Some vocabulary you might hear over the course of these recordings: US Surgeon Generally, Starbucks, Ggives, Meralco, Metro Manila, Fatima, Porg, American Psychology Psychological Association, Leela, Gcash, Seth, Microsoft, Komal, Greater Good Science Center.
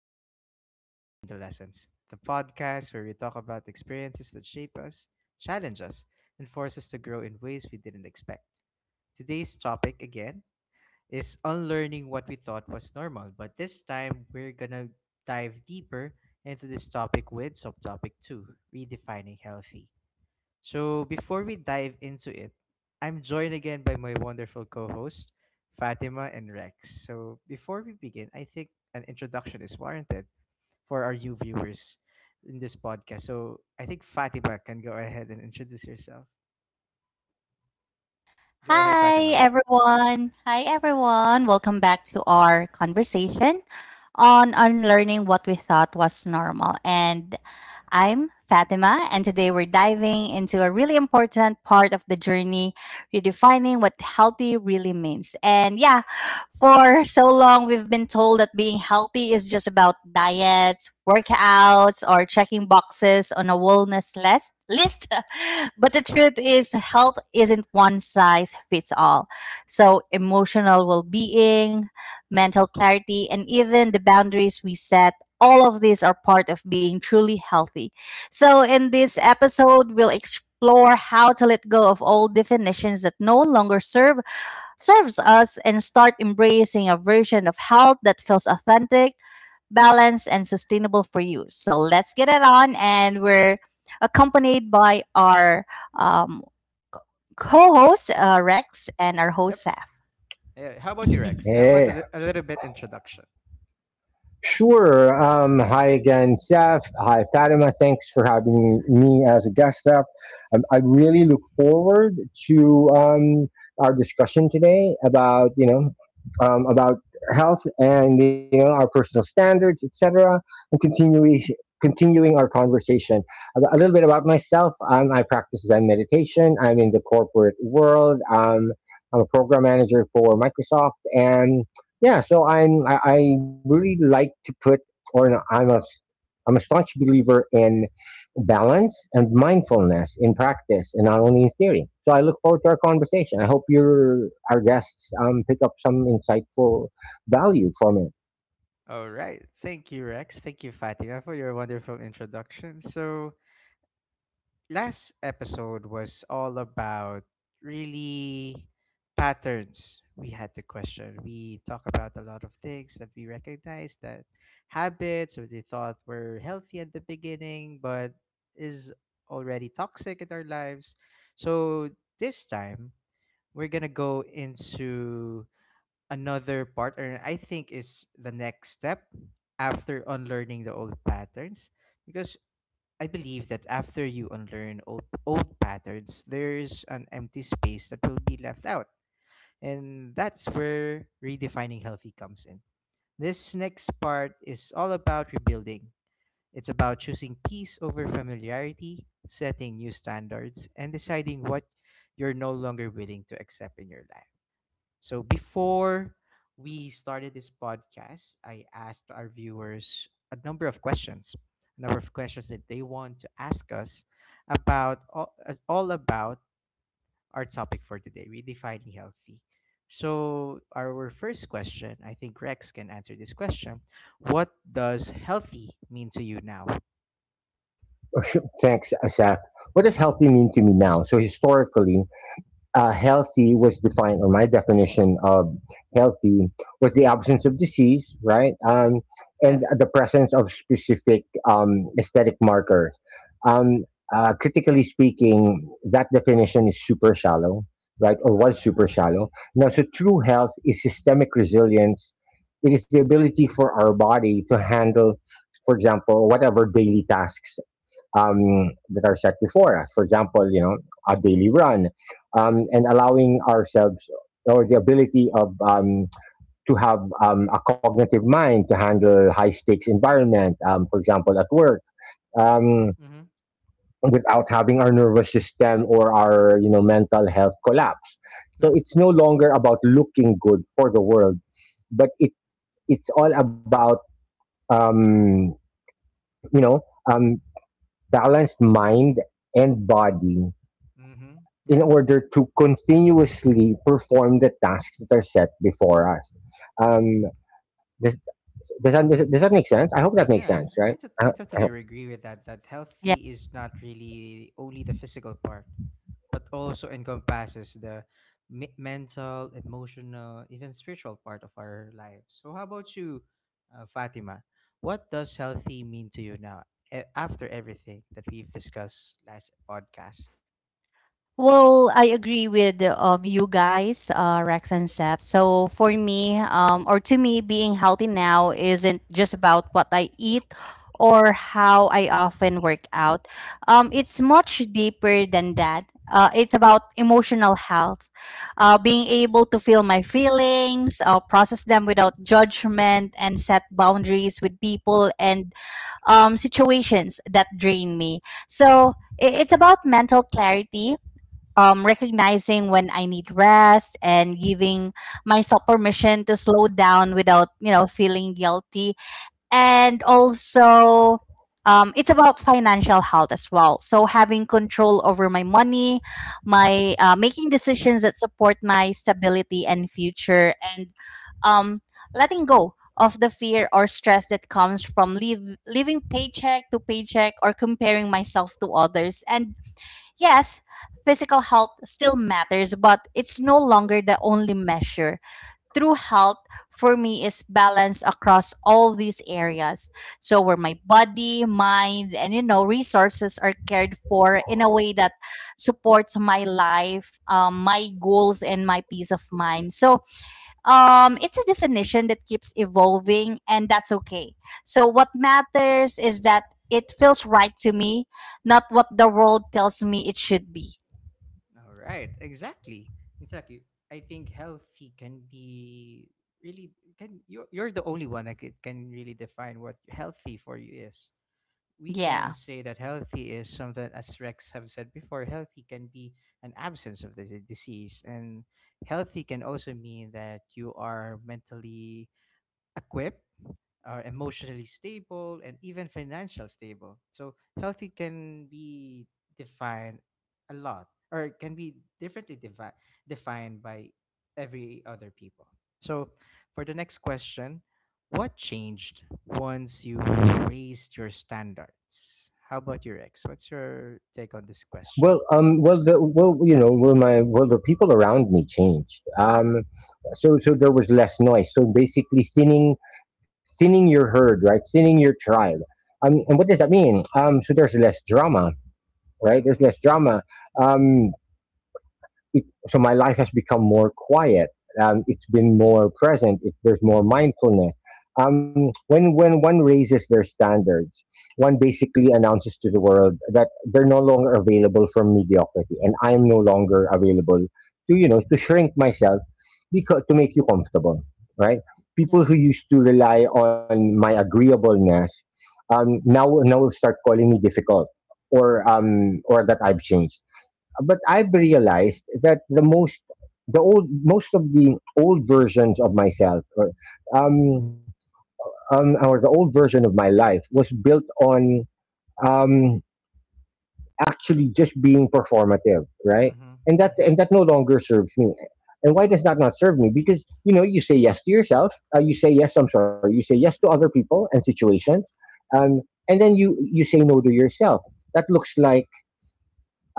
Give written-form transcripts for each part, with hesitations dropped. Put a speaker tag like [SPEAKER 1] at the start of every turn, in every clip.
[SPEAKER 1] and welcome back to Between the Lessons, the podcast where we talk about experiences that shape us, challenge us, and force us to grow in ways we didn't expect. Today's topic, again, is unlearning what we thought was normal, but this time we're gonna dive deeper into this topic with subtopic 2, redefining healthy. So before we dive into it, I'm joined again by my wonderful co-host, Fatima and Rex. So before we begin, I think an introduction is warranted for our you viewers in this podcast. So I think Fatima can go ahead and introduce yourself. Go ahead,
[SPEAKER 2] Hi,
[SPEAKER 1] Fatima.
[SPEAKER 2] everyone. Hi, everyone. Welcome back to our conversation on unlearning what we thought was normal. And I'm Fatima, and today we're diving into a really important part of the journey, redefining what healthy really means. And yeah, for so long, we've been told that being healthy is just about diets, workouts, or checking boxes on a wellness list. But the truth is, health isn't one size fits all. So, emotional well being, mental clarity, and even the boundaries we set, all of these are part of being truly healthy. So, in this episode, we'll explore how to let go of old definitions that no longer serve serves us and start embracing a version of health that feels authentic, balanced, and sustainable for you. So let's get it on. And we're accompanied by our um, co host, Rex, and our host,
[SPEAKER 1] Yep. Yeah. How about you,
[SPEAKER 2] Saf.
[SPEAKER 1] Rex? How about
[SPEAKER 3] Hey,
[SPEAKER 1] a little bit introduction?
[SPEAKER 3] sure. Hi again, Seth. Hi, Fatima. Thanks for having me as a guest up. I really look forward to our discussion today about health and you know our personal standards, etc. And continuing our conversation a little bit about myself. I practice Zen meditation. I'm in the corporate world. I'm a program manager for Microsoft. And yeah so i'm I, I really like to put or no, I'm a staunch believer in balance and mindfulness in practice and not only in theory. So I look forward to our conversation. I hope your our guests pick up some insightful value from
[SPEAKER 1] All right. Thank you, Rex. Thank you, Fatima, for your wonderful introduction. So, last episode was all about really patterns we had to question. We talk about a lot of things that we recognize, that habits or they thought were healthy at the beginning but is already toxic in our lives. So this time we're gonna go into another part, and I think is the next step after unlearning the old patterns, because I believe that after you unlearn old patterns, there's an empty space that will be left out. And that's where redefining healthy comes in. This next part is all about rebuilding. It's about choosing peace over familiarity, setting new standards, and deciding what you're no longer willing to accept in your life. So before we started this podcast, I asked our viewers a number of questions, a number of questions that they want to ask us about all about our topic for today, redefining healthy. So our first question, I think Rex can answer this question. What does healthy mean to you now?
[SPEAKER 3] it. Thanks, Seth. What does healthy mean to me now? So historically, healthy was defined, or my definition of healthy was the absence of disease, right? And
[SPEAKER 1] Yeah.
[SPEAKER 3] the presence of specific aesthetic markers. Um, Critically speaking, that definition is super shallow, right? Or was super shallow. Now, so true health is systemic resilience. It is the ability for our body to handle, for example, whatever daily tasks that are set before us. For example, you know, a daily run, and allowing ourselves or the ability of to have a cognitive mind to handle high stakes environment. For example, at work. Um,
[SPEAKER 1] Mm-hmm.
[SPEAKER 3] Without having our nervous system or our you know mental health collapse. So
[SPEAKER 1] Yeah.
[SPEAKER 3] it's no longer about looking good for the world, but it's all about, um you know um balanced mind and body
[SPEAKER 1] Mm-hmm.
[SPEAKER 3] in
[SPEAKER 1] Yeah.
[SPEAKER 3] order to continuously perform the tasks that are set before us. Um, does, does that make sense? I hope that makes
[SPEAKER 1] Yeah,
[SPEAKER 3] sense,
[SPEAKER 1] I,
[SPEAKER 3] right?
[SPEAKER 1] I, tot- I
[SPEAKER 3] I
[SPEAKER 1] totally
[SPEAKER 3] hope.
[SPEAKER 1] agree with that. That healthy is not really only the physical part, but also encompasses the mental, emotional, even spiritual part of our lives. So, how about you, Fatima? What does healthy mean to you now after everything that we've discussed last podcast?
[SPEAKER 2] Well, I agree with you guys, Rex and Seth. So for me, or to me, being healthy now isn't just about what I eat or how I often work out. It's much deeper than that. It's about emotional health, being able to feel my feelings, process them without judgment, and set boundaries with people and situations that drain me. So it's about mental clarity, recognizing when I need rest and giving myself permission to slow down without, you know, feeling guilty. And also, it's about financial health as well. So having control over my money, my making decisions that support my stability and future, and um, letting go of the fear or stress that comes from living paycheck to paycheck or comparing myself to others. And yes, physical health still matters, but it's no longer the only measure. True health for me is balance across all these areas, so where my body, mind, and, you know, resources are cared for in a way that supports my life, my goals, and my peace of mind. So it's a definition that keeps evolving, and that's okay. So, what matters is that it feels right to me, not what the world tells me it should be.
[SPEAKER 1] All right, exactly. Exactly. I think healthy can be really, can you you're the only one that could can really define what healthy for you is. We can
[SPEAKER 2] Yeah.
[SPEAKER 1] say that healthy is something, as Rex have said before, healthy can be an absence of the disease, and healthy can also mean that you are mentally equipped, are emotionally stable, and even financial stable. So healthy can be defined a lot, or can be defined by every other people. So for the next question, what changed once you raised your standards? How about your ex? What's your take on this question?
[SPEAKER 3] Well, well, the, well, you know, well, my, well, the people around me changed. So there was less noise. So basically, thinning your herd, right? Thinning your tribe. And what does that mean? So there's less drama, right? There's
[SPEAKER 1] Mhm.
[SPEAKER 3] less
[SPEAKER 1] Mhm.
[SPEAKER 3] drama.
[SPEAKER 1] Yeah.
[SPEAKER 3] Um, it, so my life has become more quiet. It's been more present. It, there's more mindfulness. When one raises their standards, one basically announces to the world that they're no longer available for mediocrity, and I am no longer available to you know to shrink myself because to make you comfortable, right? People
[SPEAKER 1] Yeah.
[SPEAKER 3] who used to rely on my agreeableness now start calling me difficult or that I've changed. But I've realized that the most the old most of the old versions of myself, um, or the old version of my life, was built on um actually just being performative, right?
[SPEAKER 1] Mhm.
[SPEAKER 3] and that
[SPEAKER 1] Mhm.
[SPEAKER 3] and that no longer serves me. And why does that not serve me? Because you know you say yes to yourself, you say yes to other people and situations, um and then you say no to yourself. That looks like,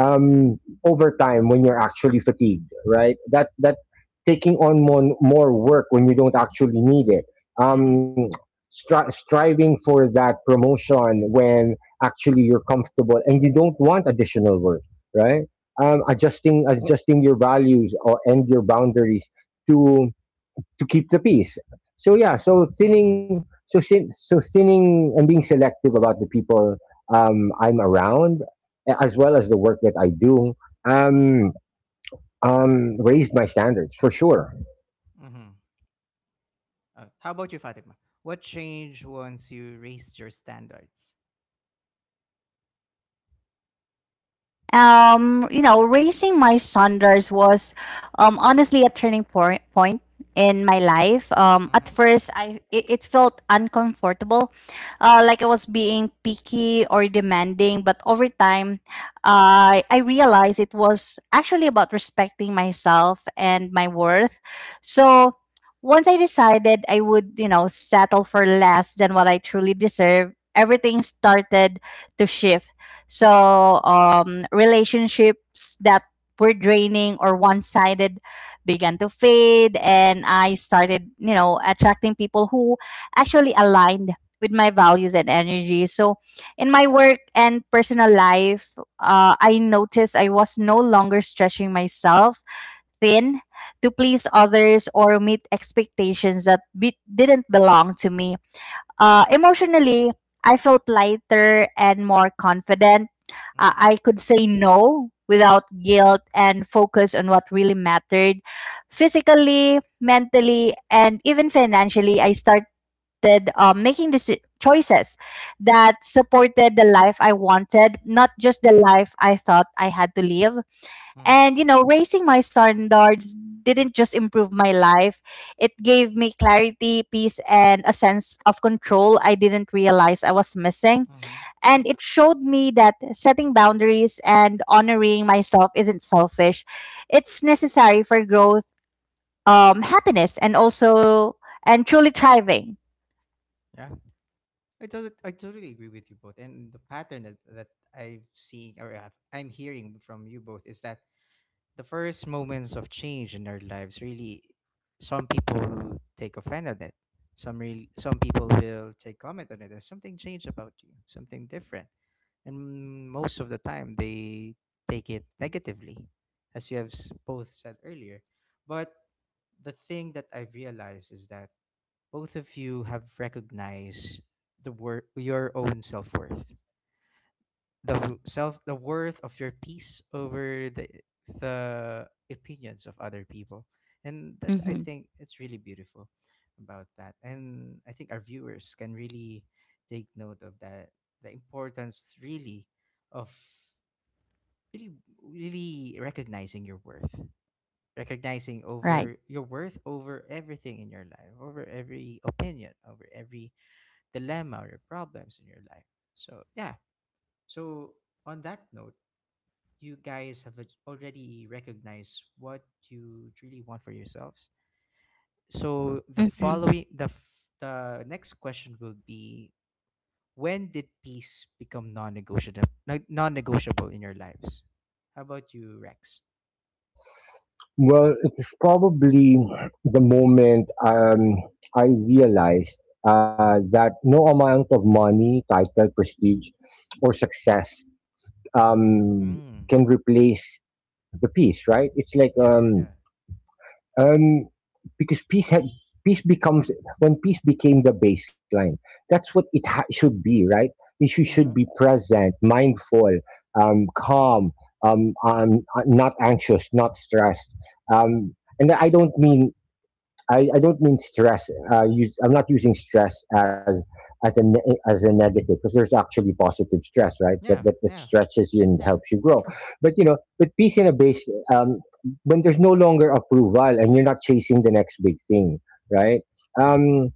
[SPEAKER 3] um, over time when you're actually fatigued, right? That that Taking on more work when you don't actually need it,
[SPEAKER 1] Mhm.
[SPEAKER 3] um, striving for that promotion when actually you're comfortable and you don't want additional work, right? Adjusting your values and your boundaries to keep the peace. So yeah, so
[SPEAKER 1] Mhm.
[SPEAKER 3] thinning and being selective about the people I'm around, as well as the work that I do, um,
[SPEAKER 1] Mhm.
[SPEAKER 3] raised my standards for sure.
[SPEAKER 1] Mhm. How about you, Fatima? What changed once you raised your standards?
[SPEAKER 2] You know, raising my standards was, honestly, a turning point in my life. At
[SPEAKER 1] Mm-hmm.
[SPEAKER 2] first, it felt uncomfortable, like I was being picky or demanding. But over time, I realized it was actually about respecting myself and my worth. So once I decided I would, you know, settle for less than what I truly deserve, everything started to shift. So, relationships that were draining or one sided began to fade. And I started, you know, attracting people who actually aligned with my values and energy. So, in my work and personal life, I noticed I was no longer stretching myself thin to please others or meet expectations that didn't belong to me. Emotionally, I felt lighter and more confident.
[SPEAKER 1] Mm-hmm.
[SPEAKER 2] I could say no without guilt and focus on what really mattered. Physically, mentally, and even financially, I started, making choices that supported the life I wanted, not just the life I thought I had to live.
[SPEAKER 1] Mm-hmm.
[SPEAKER 2] And, you know, raising my standards didn't just improve my life, it gave me clarity, peace, and a sense of control I didn't realize I was missing.
[SPEAKER 1] Mm-hmm.
[SPEAKER 2] And it showed me that setting boundaries and honoring myself isn't selfish, it's necessary for growth, happiness, and also and truly thriving.
[SPEAKER 1] Yeah, I totally agree with you both. And the pattern that, that I've seen, or I've, I'm hearing from you both, is that the first moments of change in our lives, really, some people take offense on it, some people will take comment on it, there's something changed about you, something different, and most of the time they take it negatively, as you have both said earlier. But the thing that I've realized is that both of you have recognized the your own self-worth, the w- self the worth of your peace over the opinions of other people, and that's, I
[SPEAKER 2] Mm-hmm.
[SPEAKER 1] think it's really beautiful about that. And I think our viewers can really take note of that, the importance, really, of really really recognizing your worth, recognizing
[SPEAKER 2] Right.
[SPEAKER 1] over your worth over everything in your life, over every opinion, over every dilemma or problems in your life. So yeah, so on that note, you guys have already recognized what you truly want for yourselves. So the
[SPEAKER 2] Mm-hmm.
[SPEAKER 1] following the f- the next question will be, when did peace become non-negotiable in your lives? How about you, Rex?
[SPEAKER 3] Well, it was probably the moment I realized that no amount of money, title, prestige, or success um,
[SPEAKER 1] Mm.
[SPEAKER 3] can replace the peace. Right? It's like,
[SPEAKER 1] Yeah, yeah.
[SPEAKER 3] um, because peace had peace becomes when peace became the baseline. That's what it should be, right? Issues should be
[SPEAKER 1] Mm-hmm.
[SPEAKER 3] present, mindful, calm, not anxious, not stressed. And I don't mean, I don't mean stress. I'm not using stress as a as a negative, because there's actually positive stress, right? That,
[SPEAKER 1] Yeah,
[SPEAKER 3] that that
[SPEAKER 1] yeah,
[SPEAKER 3] stretches you and
[SPEAKER 1] yeah.
[SPEAKER 3] helps you grow.
[SPEAKER 1] True.
[SPEAKER 3] But you know, but peace in a base, um, when there's no longer approval and you're not chasing the next big thing, right? Um,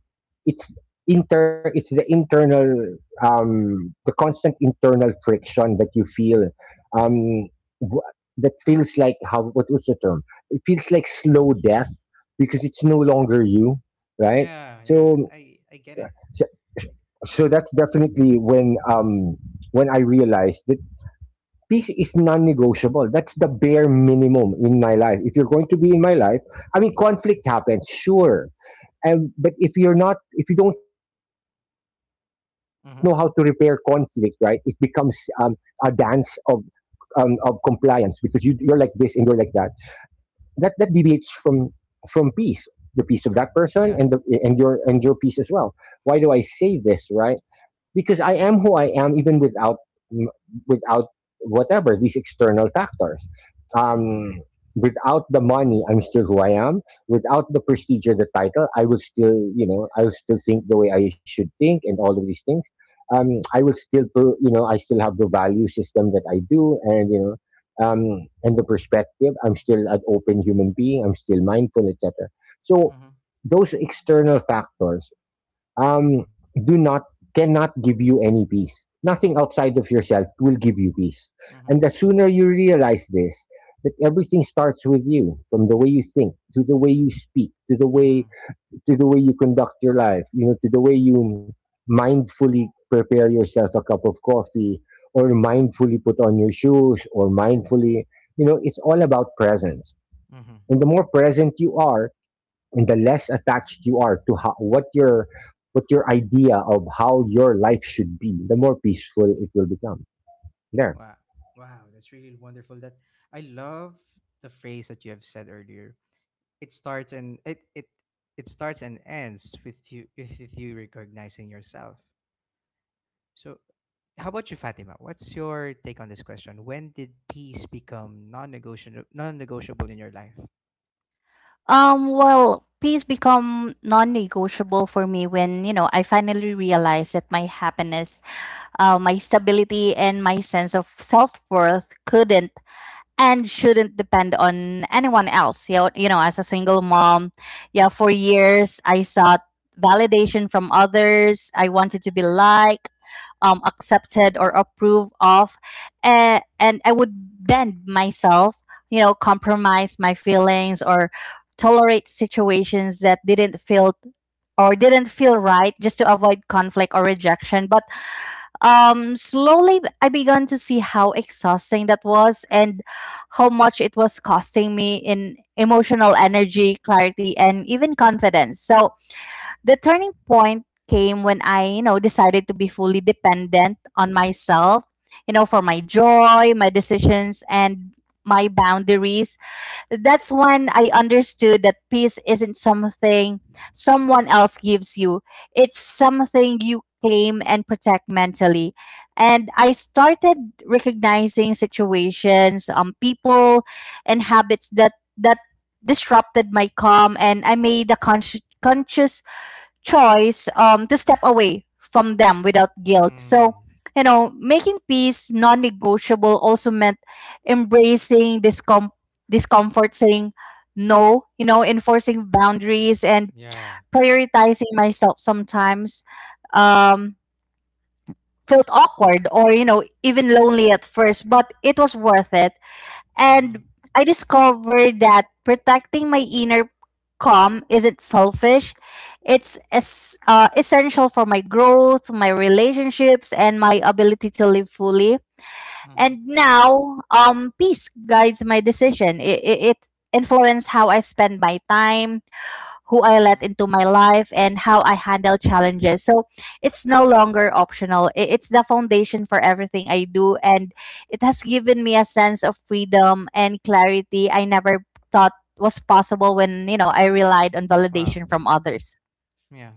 [SPEAKER 3] it's it's the internal the constant internal friction that you feel, um, w- that feels like, how, what was the term? It feels like slow death because it's no longer you, right?
[SPEAKER 1] Yeah, yeah.
[SPEAKER 3] So,
[SPEAKER 1] I get it.
[SPEAKER 3] so,
[SPEAKER 1] Like,
[SPEAKER 3] so that's definitely when I realized that peace is non-negotiable. That's the bare minimum in my life. If you're going to be in my life, I mean, conflict happens, sure, and but if you're not, if you don't know how to repair conflict, right, it
[SPEAKER 1] mm-hmm.
[SPEAKER 3] becomes a dance of compliance, because you you're like this and you're like that, that deviates from peace, the peace of that
[SPEAKER 1] True.
[SPEAKER 3] person and the,
[SPEAKER 1] Yeah.
[SPEAKER 3] and your, and your peace as well. Why do I say this, right? Because I am who I am even without, without whatever these external factors.
[SPEAKER 1] Mm-hmm.
[SPEAKER 3] Um, without the money, I'm still who I am. Without the prestige or the title, I will still you know I will still think the way I should think and all of these things. Um, I will still you know I still have the value system that I do and you know. Um, and the perspective, I'm still an open human being. I'm still mindful, etc. So
[SPEAKER 1] Mm-hmm.
[SPEAKER 3] those external factors um do not cannot give you any peace. Nothing outside of yourself will give you peace.
[SPEAKER 1] Mm-hmm.
[SPEAKER 3] And the sooner you realize this, that everything starts with you, from the way you think, to the way you speak,
[SPEAKER 1] Mm-hmm.
[SPEAKER 3] to the way you conduct your life, you know, to the way you mindfully prepare yourself a cup of coffee, or mindfully put on your shoes, or mindfully, you know, it's all about presence.
[SPEAKER 1] Mm-hmm.
[SPEAKER 3] And the more present you are, and the less attached you are to how, what your, what your idea of how your life should be, the more peaceful it will become. There.
[SPEAKER 1] Wow. Wow, that's really wonderful. That I love the phrase that you have said earlier. It starts and it it it starts and ends with you, with you recognizing yourself. So how about you, Fatima? What's your take on this question? When did peace become non-negotiable in your life?
[SPEAKER 2] Well, peace become non-negotiable for me when, you know, I finally realized that my happiness, my stability and my sense of self worth couldn't and shouldn't depend on anyone else. You know, as a single mom, yeah, for years I sought validation from others. I wanted to be liked, accepted, or approved of, and I would bend myself, you know, compromise my feelings or tolerate situations that didn't feel or didn't feel right just to avoid conflict or rejection. But slowly, I began to see how exhausting that was and how much it was costing me in emotional energy, clarity, and even confidence. So, the turning point came when I, you know, decided to be fully dependent on myself, you know, for my joy, my decisions, and my boundaries. That's when I understood that peace isn't something someone else gives you, it's something you claim and protect mentally. And I started recognizing situations, people, and habits that disrupted my calm, and I made a conscious choice, to step away from them without guilt. So,
[SPEAKER 1] Mm,
[SPEAKER 2] you know, making peace non negotiable also meant embracing discomfort, saying no, you know, enforcing boundaries and
[SPEAKER 1] yeah, yeah.
[SPEAKER 2] prioritizing myself sometimes. Um, Felt awkward or, you know, even lonely at first, but it was worth it.
[SPEAKER 1] Mm-hmm.
[SPEAKER 2] And I discovered that protecting my inner calm isn't selfish. It's essential for my growth, my relationships, and my ability to live fully.
[SPEAKER 1] Mm-hmm.
[SPEAKER 2] And now, peace guides my decision. It influenced how I spend my time, who I let
[SPEAKER 1] Mm-hmm.
[SPEAKER 2] into my life, and how I handle challenges. So it's no longer optional. It's the foundation for everything I do, and it has given me a sense of freedom and clarity I never thought was possible when, you know, I relied on
[SPEAKER 1] Wow.
[SPEAKER 2] validation from others.
[SPEAKER 1] Yeah.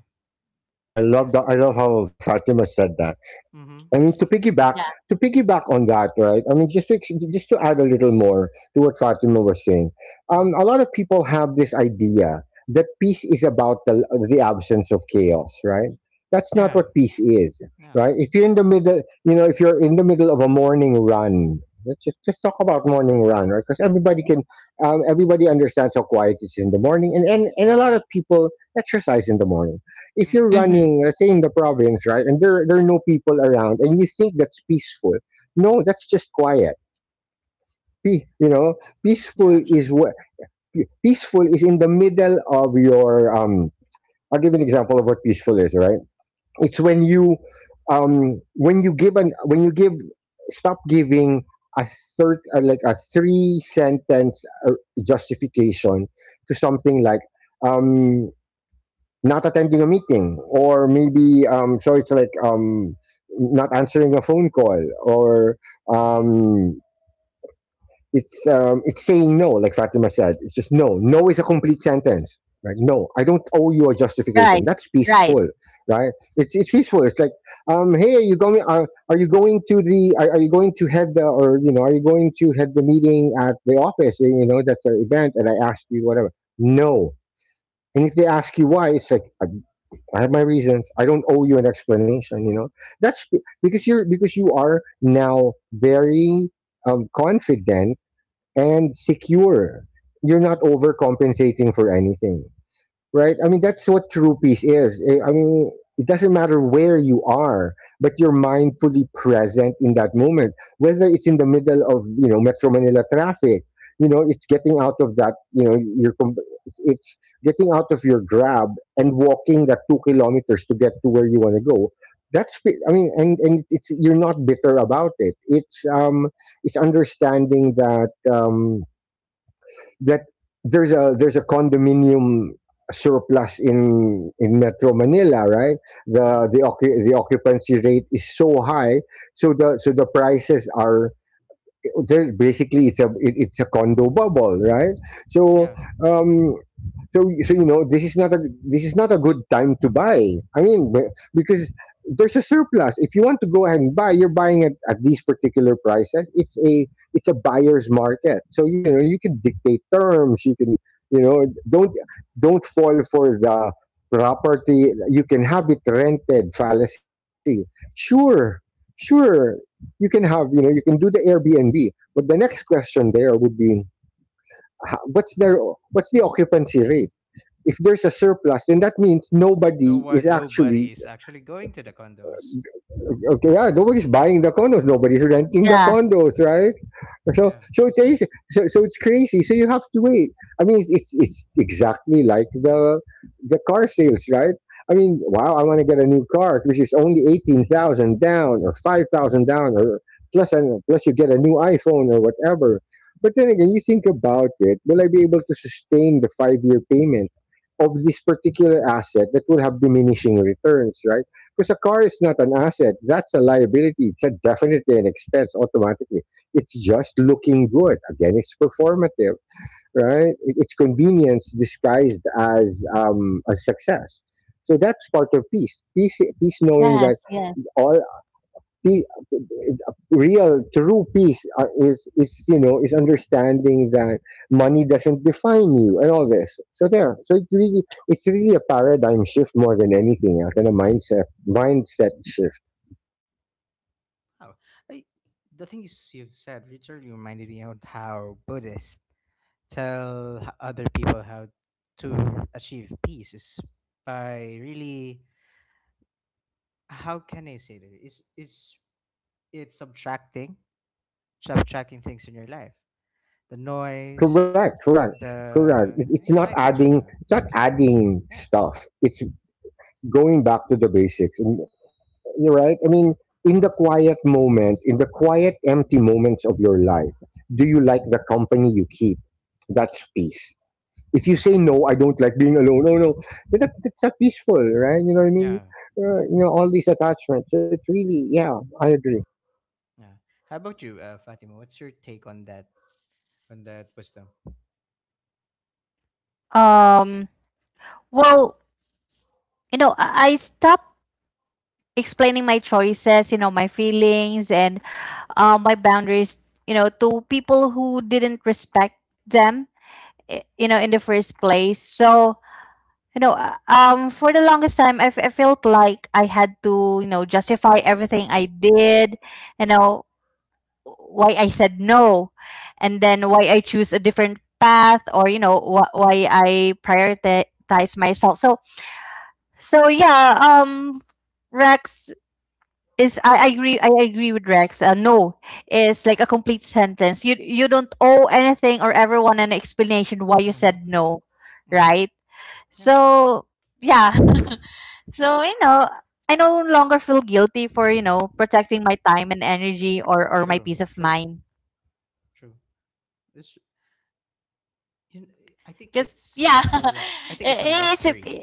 [SPEAKER 3] I
[SPEAKER 1] Yeah.
[SPEAKER 3] love the, I love how Fatima said that.
[SPEAKER 1] Mm-hmm.
[SPEAKER 3] I mean, to piggyback,
[SPEAKER 2] Yeah.
[SPEAKER 3] on that, right? I mean, just to, just to add a little more to what Fatima was saying,
[SPEAKER 1] Mm-hmm.
[SPEAKER 3] a lot of people have this idea that peace is about the absence of chaos, right? That's not
[SPEAKER 1] Yeah.
[SPEAKER 3] what peace is,
[SPEAKER 1] Yeah.
[SPEAKER 3] right? If you're in the middle, you know, if you're in the middle of a morning run, let's just talk about morning run, right? Because everybody can, everybody understands how quiet it is in the morning, and, and a lot of people exercise in the morning. If
[SPEAKER 1] Mm-hmm.
[SPEAKER 3] you're
[SPEAKER 2] Mm-hmm.
[SPEAKER 3] running, let's say in the province, right, and there are no people around, and you think that's peaceful, no, that's just quiet. You know, peaceful
[SPEAKER 1] Yeah,
[SPEAKER 3] is
[SPEAKER 1] actually.
[SPEAKER 3] what, peaceful is in the middle of your. I'll give an example of what peaceful is. Right, it's when you give an when you give, stop giving a third, like a three sentence uh, justification to something like. Um, not attending a meeting or maybe so it's like, not answering a phone call or,
[SPEAKER 1] Mm-hmm.
[SPEAKER 3] um it's saying no. Like Fatima said, it's just no. No is a complete sentence, right? No, I don't owe you a
[SPEAKER 2] Right.
[SPEAKER 3] justification. That's
[SPEAKER 2] Right.
[SPEAKER 3] peaceful, right? It's peaceful. It's like, um, hey, are you going, are you going to the are you going to head the, or you know, are you going to head the meeting at the office, you know, that's an event and I asked you whatever. No. And if they ask you why, it's like, I have my reasons. I don't owe you an explanation. You know, that's because you're, because you are now very confident and secure. You're not overcompensating for anything, right? I mean, that's what true peace is. I mean, it doesn't matter where you are, but you're mindfully present in that moment, whether it's in the middle of you know Metro Manila traffic. You know, it's getting out of that. You know, it's getting out of your grab and walking that 2 kilometers to get to where you want to go. That's I mean, and it's, you're not bitter about it. It's, it's understanding that, that there's a condominium surplus in Metro Manila, right?
[SPEAKER 1] Mm-hmm.
[SPEAKER 3] The occupancy rate is so high, so the, so the prices are there. Basically, it's a, it's a condo bubble, right? So
[SPEAKER 1] Yeah.
[SPEAKER 3] um, so you know, this is not a, this is not a good time to buy. I mean, because there's a surplus. If you want to go ahead and buy, you're buying at these particular prices. It's a, it's a buyer's market. So, you can dictate terms. You can don't don't fall for the property. You can have it rented fallacy. Sure, sure. You can have you can do the Airbnb. But the next question there would be, what's their what's the occupancy rate? If there's a surplus, then that means
[SPEAKER 1] No
[SPEAKER 3] nobody is
[SPEAKER 1] what
[SPEAKER 3] actually
[SPEAKER 1] nobody is actually going to the condos.
[SPEAKER 3] okay. Yeah, nobody's buying the condos, nobody's renting the
[SPEAKER 2] Yeah.
[SPEAKER 3] condos, right? So
[SPEAKER 1] Yeah.
[SPEAKER 3] so it's easy. So it's crazy. So you have to wait. I mean, it's exactly like the car sales, right? I mean, wow, I want to get a new car, which is only 18,000 down or 5,000 down, or plus you get a new iPhone or whatever. But then again, you think about it. Will I be able to sustain the 5 year payment of this particular asset that will have diminishing returns, right? Because a car is not an asset; that's a liability. It's a definitely an expense automatically it's just looking good. Again, it's performative, right? It's convenience disguised as a success. So that's part of peace. Peace, knowing that
[SPEAKER 2] Yes. Yes.
[SPEAKER 3] all pe- real, true peace is is understanding that money doesn't define you and all this. So there. So it's really a paradigm shift more than anything else and a mindset shift.
[SPEAKER 1] Oh. I, the things you've said literally reminded me of how Buddhists other people how to achieve peace is by really, how can I say that? It's subtracting things in your life. The noise,
[SPEAKER 3] Correct, correct.
[SPEAKER 1] the
[SPEAKER 3] It's not
[SPEAKER 1] life in
[SPEAKER 3] adding.
[SPEAKER 1] general.
[SPEAKER 3] It's not
[SPEAKER 1] It's not decision.
[SPEAKER 3] adding
[SPEAKER 1] Yeah.
[SPEAKER 3] stuff. It's going back to the basics. And you're right. I mean, in the quiet moment, in the quiet, empty moments of your life, do you like the company you keep? That's peace. If you say no, I don't like being alone. Oh no, then that's not peaceful, right? You know what I mean?
[SPEAKER 1] Yeah. Yeah.
[SPEAKER 3] All these attachments. It's really, yeah, I agree.
[SPEAKER 1] Yeah. How about you, Fatima? What's your take on that and that wisdom.
[SPEAKER 2] Um. Well, you know, I stopped explaining my choices, you know, my feelings, and my boundaries, you know, to people who didn't respect them, you know, in the first place. So, you know, for the longest time, I felt like I had to, you know, justify everything I did, you know, why I said no, and then why I choose a different path, or you know, why I prioritize myself. So, so yeah, Rex, is I agree with Rex. No is like a complete sentence. You don't owe anything or everyone an explanation why you
[SPEAKER 1] Mm-hmm.
[SPEAKER 2] said no,
[SPEAKER 1] Mm-hmm.
[SPEAKER 2] right?
[SPEAKER 1] Yeah.
[SPEAKER 2] So yeah, so you know, I no longer feel guilty for, you know, protecting my time and energy or my peace
[SPEAKER 1] True.
[SPEAKER 2] of
[SPEAKER 1] True.
[SPEAKER 2] mind.
[SPEAKER 1] True. It's, you know,
[SPEAKER 2] Cause yeah,
[SPEAKER 1] I think it's a
[SPEAKER 2] it, it's
[SPEAKER 1] luxury
[SPEAKER 2] a,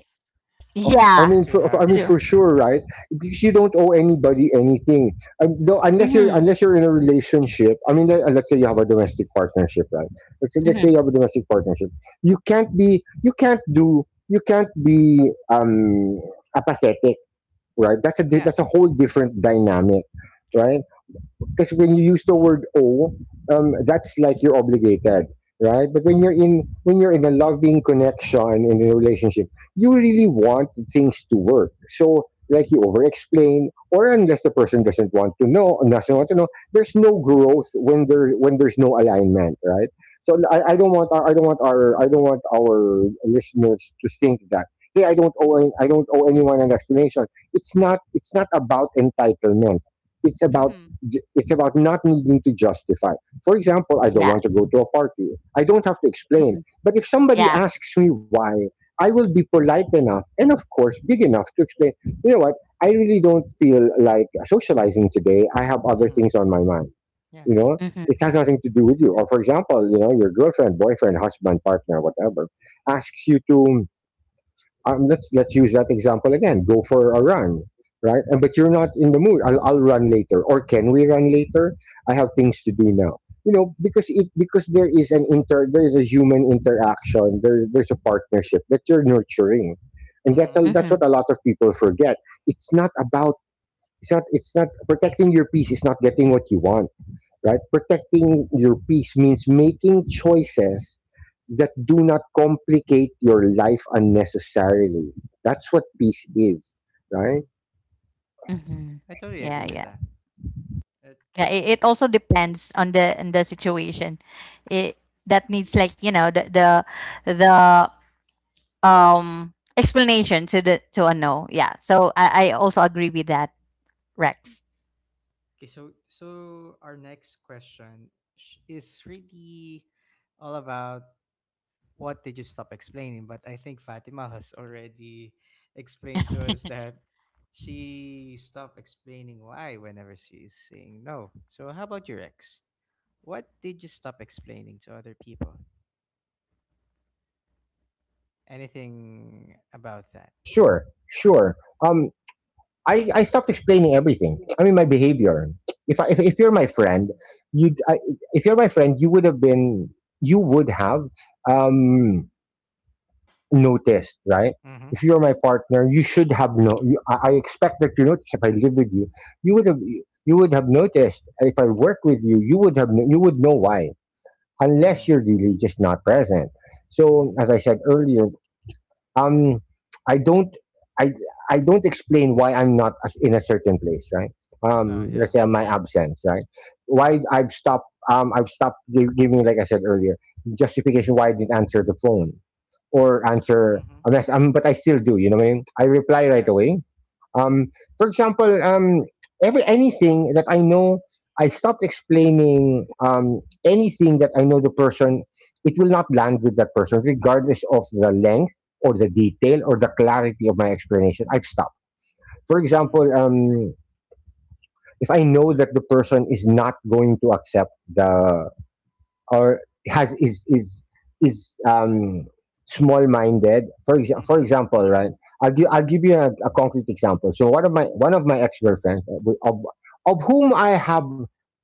[SPEAKER 3] I
[SPEAKER 2] yeah,
[SPEAKER 3] mean,
[SPEAKER 1] to
[SPEAKER 3] I
[SPEAKER 1] have
[SPEAKER 3] mean,
[SPEAKER 2] true.
[SPEAKER 1] that.
[SPEAKER 3] for sure, right? Because you don't owe anybody anything, no,
[SPEAKER 1] Yeah.
[SPEAKER 2] Mm-hmm,
[SPEAKER 3] unless you're in a relationship. I mean, let's say you have a domestic partnership, right? Let's say
[SPEAKER 2] mm-hmm,
[SPEAKER 3] you have a domestic partnership. You can't be, you can't do, you can't be um apathetic, right?
[SPEAKER 1] Yeah.
[SPEAKER 3] That's a whole different dynamic,
[SPEAKER 1] True.
[SPEAKER 3] right? Because when you use the word owe, that's like you're obligated, right? But when you're in a loving connection in a relationship, you really want things to work. So like you over-explain, or unless the person doesn't want to know, there's no growth when there's no alignment, right? So I don't want our listeners to think that hey I don't owe anyone an explanation. It's not about entitlement, it's about
[SPEAKER 2] mm-hmm.
[SPEAKER 3] not needing to justify. For example, I don't
[SPEAKER 2] Yeah,
[SPEAKER 3] want to go to a party. I don't have to explain.
[SPEAKER 2] mm-hmm,
[SPEAKER 3] But if somebody
[SPEAKER 2] yeah.
[SPEAKER 3] asks me why, I will be polite enough and, of course, big enough to explain, you know what, I really don't feel like socializing today. I have other
[SPEAKER 1] Mm-hmm.
[SPEAKER 3] things on my mind.
[SPEAKER 1] Yeah.
[SPEAKER 3] You know,
[SPEAKER 2] Mm-hmm,
[SPEAKER 3] it has nothing to do with you.
[SPEAKER 2] mm-hmm,
[SPEAKER 3] Or, for example, you know, your girlfriend, boyfriend, husband, partner, whatever, asks you to let's use that example again. Go for a run, right? And but you're not in the mood. I'll run later, or can we run later? I have things to do now. You know, because it because there is an inter there is a human interaction. There's a partnership that you're nurturing, and
[SPEAKER 1] Mm-hmm.
[SPEAKER 3] that's
[SPEAKER 2] mm-hmm,
[SPEAKER 3] what a lot of people forget. It's not about it's not protecting your peace. It's not getting what you want, right? Protecting your peace means making choices that do not complicate your life unnecessarily. That's what peace is,
[SPEAKER 1] Mm-hmm.
[SPEAKER 3] right?
[SPEAKER 1] Yeah.
[SPEAKER 2] mm-hmm.
[SPEAKER 1] I totally agree
[SPEAKER 2] Yeah,
[SPEAKER 1] with
[SPEAKER 2] yeah.
[SPEAKER 1] that. Uh,
[SPEAKER 2] Yeah, it,
[SPEAKER 1] that
[SPEAKER 2] it also depends on the situation. It that needs, like, you know, the, explanation to the to a no. Yeah, so I also agree with that, Rex.
[SPEAKER 1] okay. So so our next question is really all about, what did you stop explaining? But I think Fatima has already explained to us that she stopped explaining why whenever she is saying no. So how about your ex? What did you stop explaining to other people? Anything about that?
[SPEAKER 3] Sure, sure. Um, I stopped explaining everything. I mean, my behavior. If you're my friend, you I, if you're my friend, you would have um, noticed, right?
[SPEAKER 1] Mm-hmm.
[SPEAKER 3] If you're my partner, you should have no. I expect that you notice if I live with you, you would have you would have noticed. If I work with you, you would have you would know why, unless
[SPEAKER 1] Mm-hmm.
[SPEAKER 3] you're really just not present. So,
[SPEAKER 1] Mm-hmm.
[SPEAKER 3] as I said earlier, um i don't i I don't explain why I'm not as- in a certain place, right? Um,
[SPEAKER 1] No, yeah.
[SPEAKER 3] let's say my absence, right?
[SPEAKER 1] Mm-hmm.
[SPEAKER 3] Why I've stopped giving, like I said earlier, justification why I didn't answer the phone or answer
[SPEAKER 1] Mm-hmm.
[SPEAKER 3] a mess, um, but I still do, you know what I mean, I reply right
[SPEAKER 1] Yeah.
[SPEAKER 3] away. um, for example, every anything that i know, i stop explaining, anything that i know the person, it will not land with that person, regardless of the length or the detail or the clarity of my explanation. I've stopped. For example,
[SPEAKER 1] Mm.
[SPEAKER 3] if i know that the person is not going to accept the or has is small minded, for for
[SPEAKER 1] Mm-hmm.
[SPEAKER 3] example,
[SPEAKER 1] Mm-hmm.
[SPEAKER 3] right? I'll give you a concrete example. So one of my ex-girlfriends, of whom I have,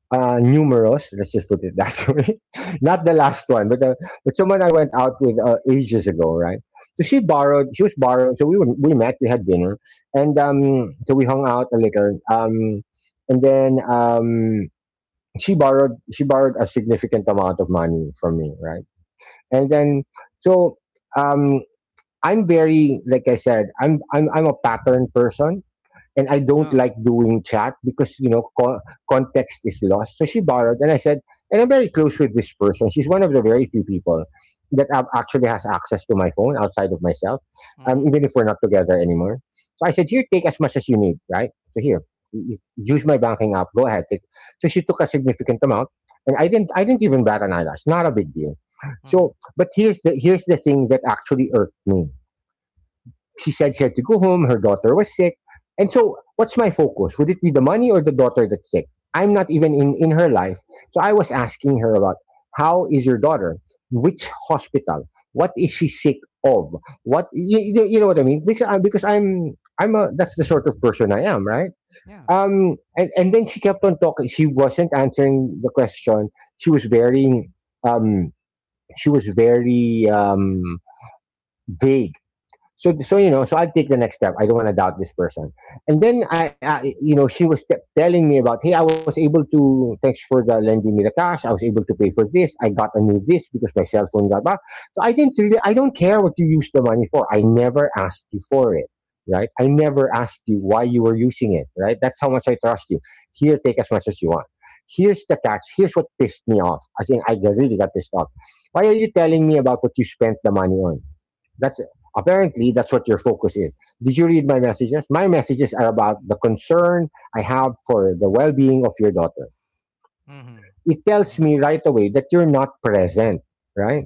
[SPEAKER 3] numerous, let's just put it that way, not the last one but someone I went out with, ages ago, right? So she was borrowed so we met, we had dinner and so we hung out a little, and then she borrowed a significant amount of money from me, right? And then, so, um, I'm very, like I said, I'm a pattern person and I don't
[SPEAKER 1] Oh.
[SPEAKER 3] like doing chat because you know context is lost. So she borrowed, and I said, and I'm very close with this person. She's one of the very few people that actually has access to my phone outside of myself,
[SPEAKER 1] Mm-hmm.
[SPEAKER 3] even if we're not together anymore. So I said, here, take as much as you need, right? So here, use my banking app. Go ahead. Take. So she took a significant amount, and I didn't. I didn't even bat an eyelash. Not a big deal.
[SPEAKER 1] Mm-hmm.
[SPEAKER 3] So, but here's the thing that actually irked me. She said she had to go home. Her daughter was sick. And so, what's my focus? Would it be the money or the daughter that's sick? I'm not even in her life. So, I was asking her about how is your daughter? Which hospital? What is she sick of? What you know what I mean? Because because I'm a that's the sort of person I am, right?
[SPEAKER 1] Yeah.
[SPEAKER 3] And then she kept on talking. She wasn't answering the question. She was very um she was very um vague. So, so you know, so I take the next step. I don't want to doubt this person. And then I, you know, she was telling me about, hey, I was able to, thanks for the lending me the cash, I was able to pay for this, I got a new this because my cell phone got back. So I didn't really, I don't care what you use the money for. I never asked you for it, right? I never asked you why you were using it, right? That's how much I trust you. Here, take as much as you want. Here's the catch, here's what pissed me off. I think I really got pissed off. Why are you telling me about what you spent the money on? That's apparently that's what your focus is. Did you read my messages? My messages are about the concern I have for the well-being of your daughter.
[SPEAKER 1] Mm-hmm.
[SPEAKER 3] It tells
[SPEAKER 1] Mm-hmm.
[SPEAKER 3] me right away that you're not present, right?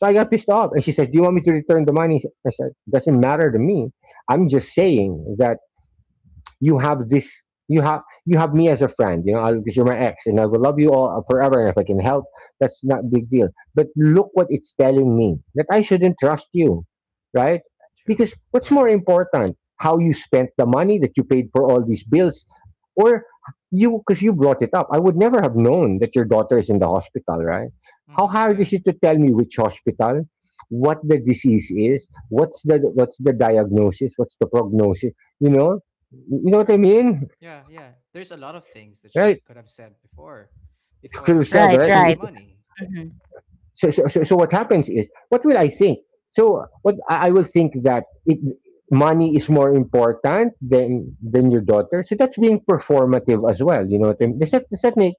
[SPEAKER 3] So I got pissed off, and she says, "Do you want me to return the money?" I said, "Doesn't matter to me. I'm just saying that." You have this you have me as a friend, you know, I- because you're my ex and I will love you all forever and if I can help, that's not a big deal. But look what it's telling me, that I shouldn't trust you, right?
[SPEAKER 1] True.
[SPEAKER 3] Because what's
[SPEAKER 1] Yeah.
[SPEAKER 3] more important, how you spent the money that you paid for all these bills, or you because you brought it up, I would never have known that your daughter is in the hospital, right? How
[SPEAKER 1] Mm-hmm.
[SPEAKER 3] hard is
[SPEAKER 1] Yeah.
[SPEAKER 3] it to tell me which hospital, what the disease is, what's the diagnosis, what's the prognosis? You know, you know what I
[SPEAKER 1] True.
[SPEAKER 3] mean?
[SPEAKER 1] Yeah, yeah. There's a lot of things that
[SPEAKER 3] Right?
[SPEAKER 1] she could have said before,
[SPEAKER 3] Could
[SPEAKER 1] before
[SPEAKER 3] have said,
[SPEAKER 2] Right,
[SPEAKER 1] saying
[SPEAKER 3] right?
[SPEAKER 1] about the
[SPEAKER 2] right,
[SPEAKER 3] It,
[SPEAKER 1] money.
[SPEAKER 2] mm-hmm.
[SPEAKER 3] so, so, so, so what happens is, what will I think? So what I will think that, money is more important than your daughter. So that's being performative as well, you know what I mean? Does that make—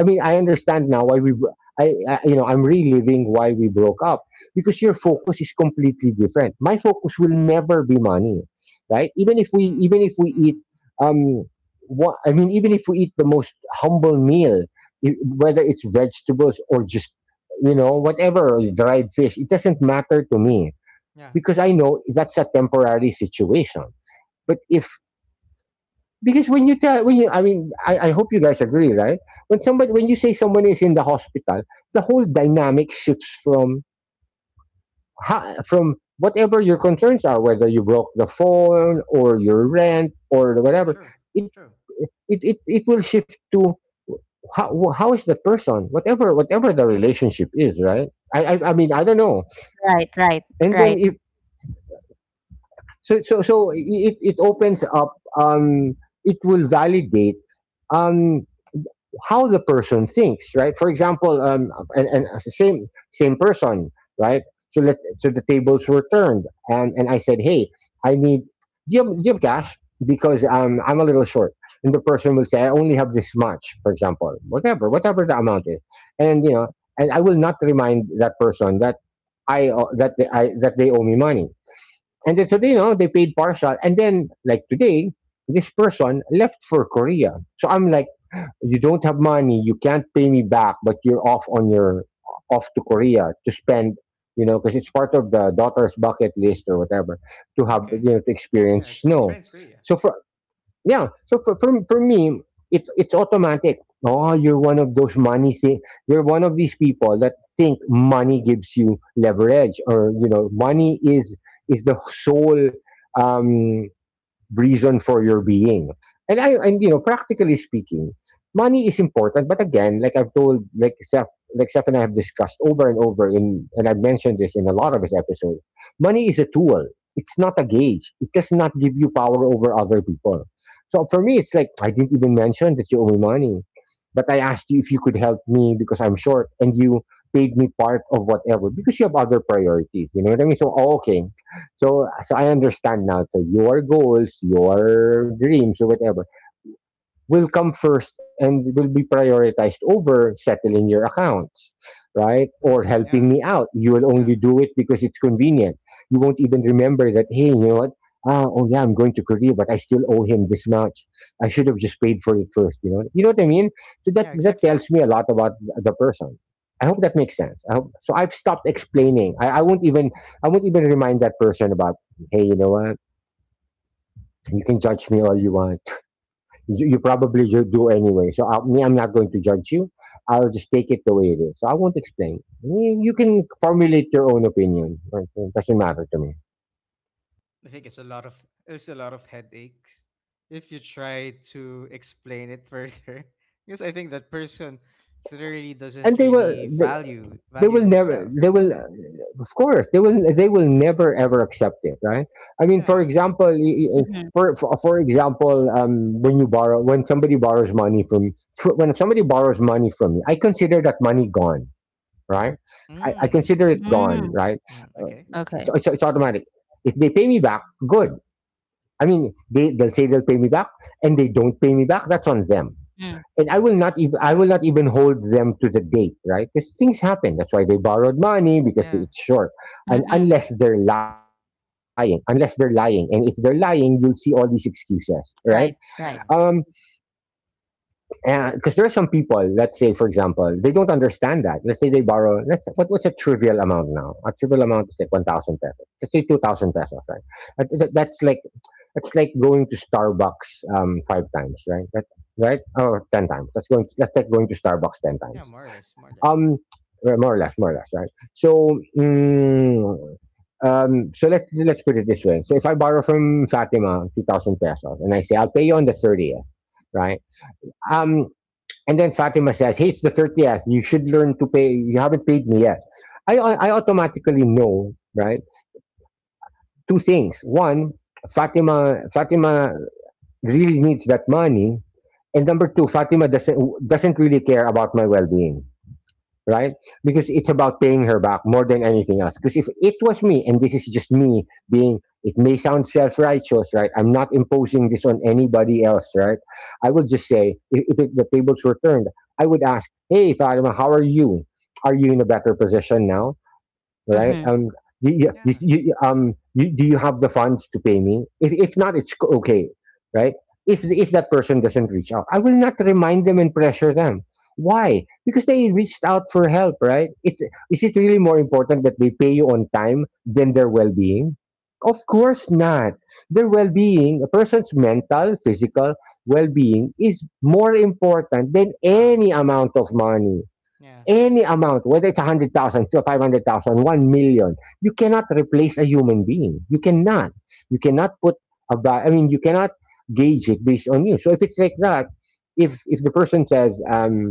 [SPEAKER 3] I mean, I understand now why we I I'm reliving why we broke up, because your focus is completely different. My focus will never be money, right? Even if we
[SPEAKER 1] Mm-hmm.
[SPEAKER 3] eat,
[SPEAKER 1] Mm-hmm.
[SPEAKER 3] um what I mean, even if we eat the most humble meal, whether it's vegetables or just, whatever, dried fish, it doesn't matter to me,
[SPEAKER 1] Yeah.
[SPEAKER 3] because I know that's a temporary situation. But if, because when you tell, when you I mean, I hope you guys agree, right? When you say someone is in the hospital, the whole dynamic shifts from whatever your concerns are, whether you broke the phone or your rent or
[SPEAKER 1] Yeah.
[SPEAKER 3] whatever.
[SPEAKER 1] True.
[SPEAKER 3] It
[SPEAKER 1] True.
[SPEAKER 3] it will shift to, how is the person, whatever the relationship is, right? I
[SPEAKER 1] Yeah.
[SPEAKER 3] mean, I don't know.
[SPEAKER 2] Right, right,
[SPEAKER 3] And then
[SPEAKER 2] right.
[SPEAKER 3] if it opens up, it will validate, um how the person thinks, right? For example, and as the same person, right? So the tables were turned, and I said, "Hey, I need do you have cash? Because I'm a little short." And the person will say, "I only have this much," for example, whatever the amount is. And you know And I will not remind that person that, I that they owe me money. And then, so they paid partial. And then, like today, this person left for Korea. So I'm like, "You don't have money, you can't pay me back, but you're off on your— off to Korea to spend," because it's part of the daughter's bucket list or whatever, to have,
[SPEAKER 1] Okay.
[SPEAKER 3] to experience
[SPEAKER 1] Yeah. To
[SPEAKER 3] snow.
[SPEAKER 1] experience Korea.
[SPEAKER 3] So for Yeah, so for me, it's automatic. "Oh, you're one of those money you're one of these people that think money gives you leverage, or, money is the sole, um reason for your being." And practically speaking, money is important, but again, like I've told, like Seth and I have discussed over and over, in and I've mentioned this in a lot of his episodes, money is a tool. It's not a gauge. It does not give you power over other people. So for me, it's like, I didn't even mention that you owe me money. But I asked you if you could help me because I'm short, and you paid me part of whatever, because you have other priorities. You know what I mean? Oh, okay. So I understand now. So your goals, your dreams, or whatever, will come first and will be prioritized over settling your accounts, right? Or
[SPEAKER 1] Mm-hmm.
[SPEAKER 3] helping
[SPEAKER 1] Yeah.
[SPEAKER 3] me out. You will
[SPEAKER 1] Yeah.
[SPEAKER 3] only do it because it's convenient. You won't even remember that, "Hey, you know what? Ah, oh yeah, I'm going to Korea, but I still owe him this much. I should have just paid for it first." You know what I mean? So that
[SPEAKER 1] Yeah.
[SPEAKER 3] that
[SPEAKER 1] Exactly.
[SPEAKER 3] tells me a lot about the person. I hope that makes sense. So I've stopped explaining. I won't even remind that person about, "Hey, you know what? You can judge me all you want. You probably should, do anyway. So, I'm not going to judge you. I'll just take it the way it is. So I won't explain. You can formulate your own opinion, right? It doesn't matter to me."
[SPEAKER 1] I think it's a lot of It's a lot of headaches if you try to explain it further, because I think that person really doesn't
[SPEAKER 3] And
[SPEAKER 1] really
[SPEAKER 3] they
[SPEAKER 1] value
[SPEAKER 3] will never,
[SPEAKER 1] yourself.
[SPEAKER 3] of course, they will never ever accept it, right? I mean, for
[SPEAKER 1] Yeah.
[SPEAKER 3] example, y-
[SPEAKER 2] Mm-hmm.
[SPEAKER 3] for example, when somebody borrows money from me, I consider that money gone, right? I consider
[SPEAKER 1] Mm.
[SPEAKER 3] it
[SPEAKER 2] Mm.
[SPEAKER 3] gone, right?
[SPEAKER 1] Mm, okay.
[SPEAKER 2] Okay.
[SPEAKER 3] So it's automatic. If they pay me back, good. I mean, they'll say they'll pay me back, and they don't pay me back. That's on them.
[SPEAKER 2] Mm.
[SPEAKER 3] And I will not
[SPEAKER 1] Okay.
[SPEAKER 3] even I will not even hold them to the date, right? Because things happen. That's why they borrowed money, because
[SPEAKER 1] Yeah.
[SPEAKER 3] it's short. And
[SPEAKER 2] Mm-mm.
[SPEAKER 3] unless they're lying, and if they're lying, you'll see all these excuses, right?
[SPEAKER 2] Right,
[SPEAKER 3] Um,
[SPEAKER 2] right.
[SPEAKER 1] Yeah.
[SPEAKER 3] because there are some people, let's say, for example, they don't understand that. Let's say they borrow— what's a trivial amount now? A trivial amount is like 1,000 pesos. Let's say 2,000 pesos, right? That's like, going to Starbucks, five times, right? Right? Or 10 times. That's like going
[SPEAKER 1] Um,
[SPEAKER 3] to Starbucks 10
[SPEAKER 1] yeah.
[SPEAKER 3] times.
[SPEAKER 1] More or less. More or less.
[SPEAKER 3] Um, well, more or less, right? So, mm, so let's put it this way. So if I borrow from Fatima 2,000 pesos and I say, "I'll pay you on the 30th," right? um and then Fatima says, "Hey, it's the 30th. You should learn to pay. You haven't paid me yet." I automatically know, right, two things. One, Fatima really needs that money, and number two, Fatima doesn't really care about my well being right? Because it's about paying her back more than anything else. Because if it was me, and this is just me being— it may sound self righteous, right? I'm not imposing this on anybody else, right? I will just say, if it, the tables were turned, I would ask, "Hey, Fatima, how are you? Are you in a better position now, right?
[SPEAKER 2] Mm-hmm.
[SPEAKER 3] You, you,
[SPEAKER 1] Yeah.
[SPEAKER 3] you, do you have the funds to pay me? If not, okay, right?" If that person doesn't reach out, I will not remind them and pressure them. Why? Because they reached out for help, right? Is it really more important that they pay you on time than their well being? Of course not. Their well being, a person's mental, physical well being, is more important than
[SPEAKER 1] Wow.
[SPEAKER 3] any amount of money.
[SPEAKER 1] Yeah.
[SPEAKER 3] Whether it's 100,000, to thousand, 1 million, you cannot replace a human being. You cannot. You cannot put I mean, you cannot gauge it based on you. So if it's like that, if the person says,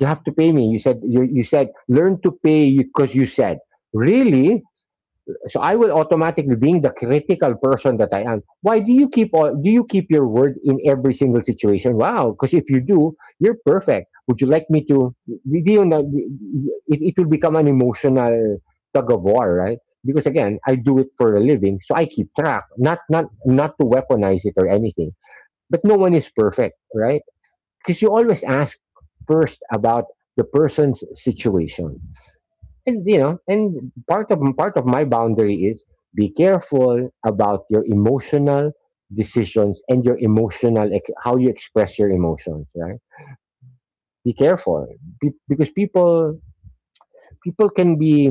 [SPEAKER 3] "You have to pay me, you said, you said, 'Learn to pay,' because you said, 'Really.'" So I will automatically, being the critical person that I am— "Why do you do you keep your word in every single situation? Wow, because if you do, you're perfect. Would you like me to? Do you know?" It will become an emotional tug of war, right? Because again, I do it for a living, so I keep track, not to weaponize it or anything. But no one is perfect, right? Because you always ask first about the person's situation. And you know And part of my boundary is, be careful about your emotional decisions and your emotional how you express your emotions, right? Be careful, because people can be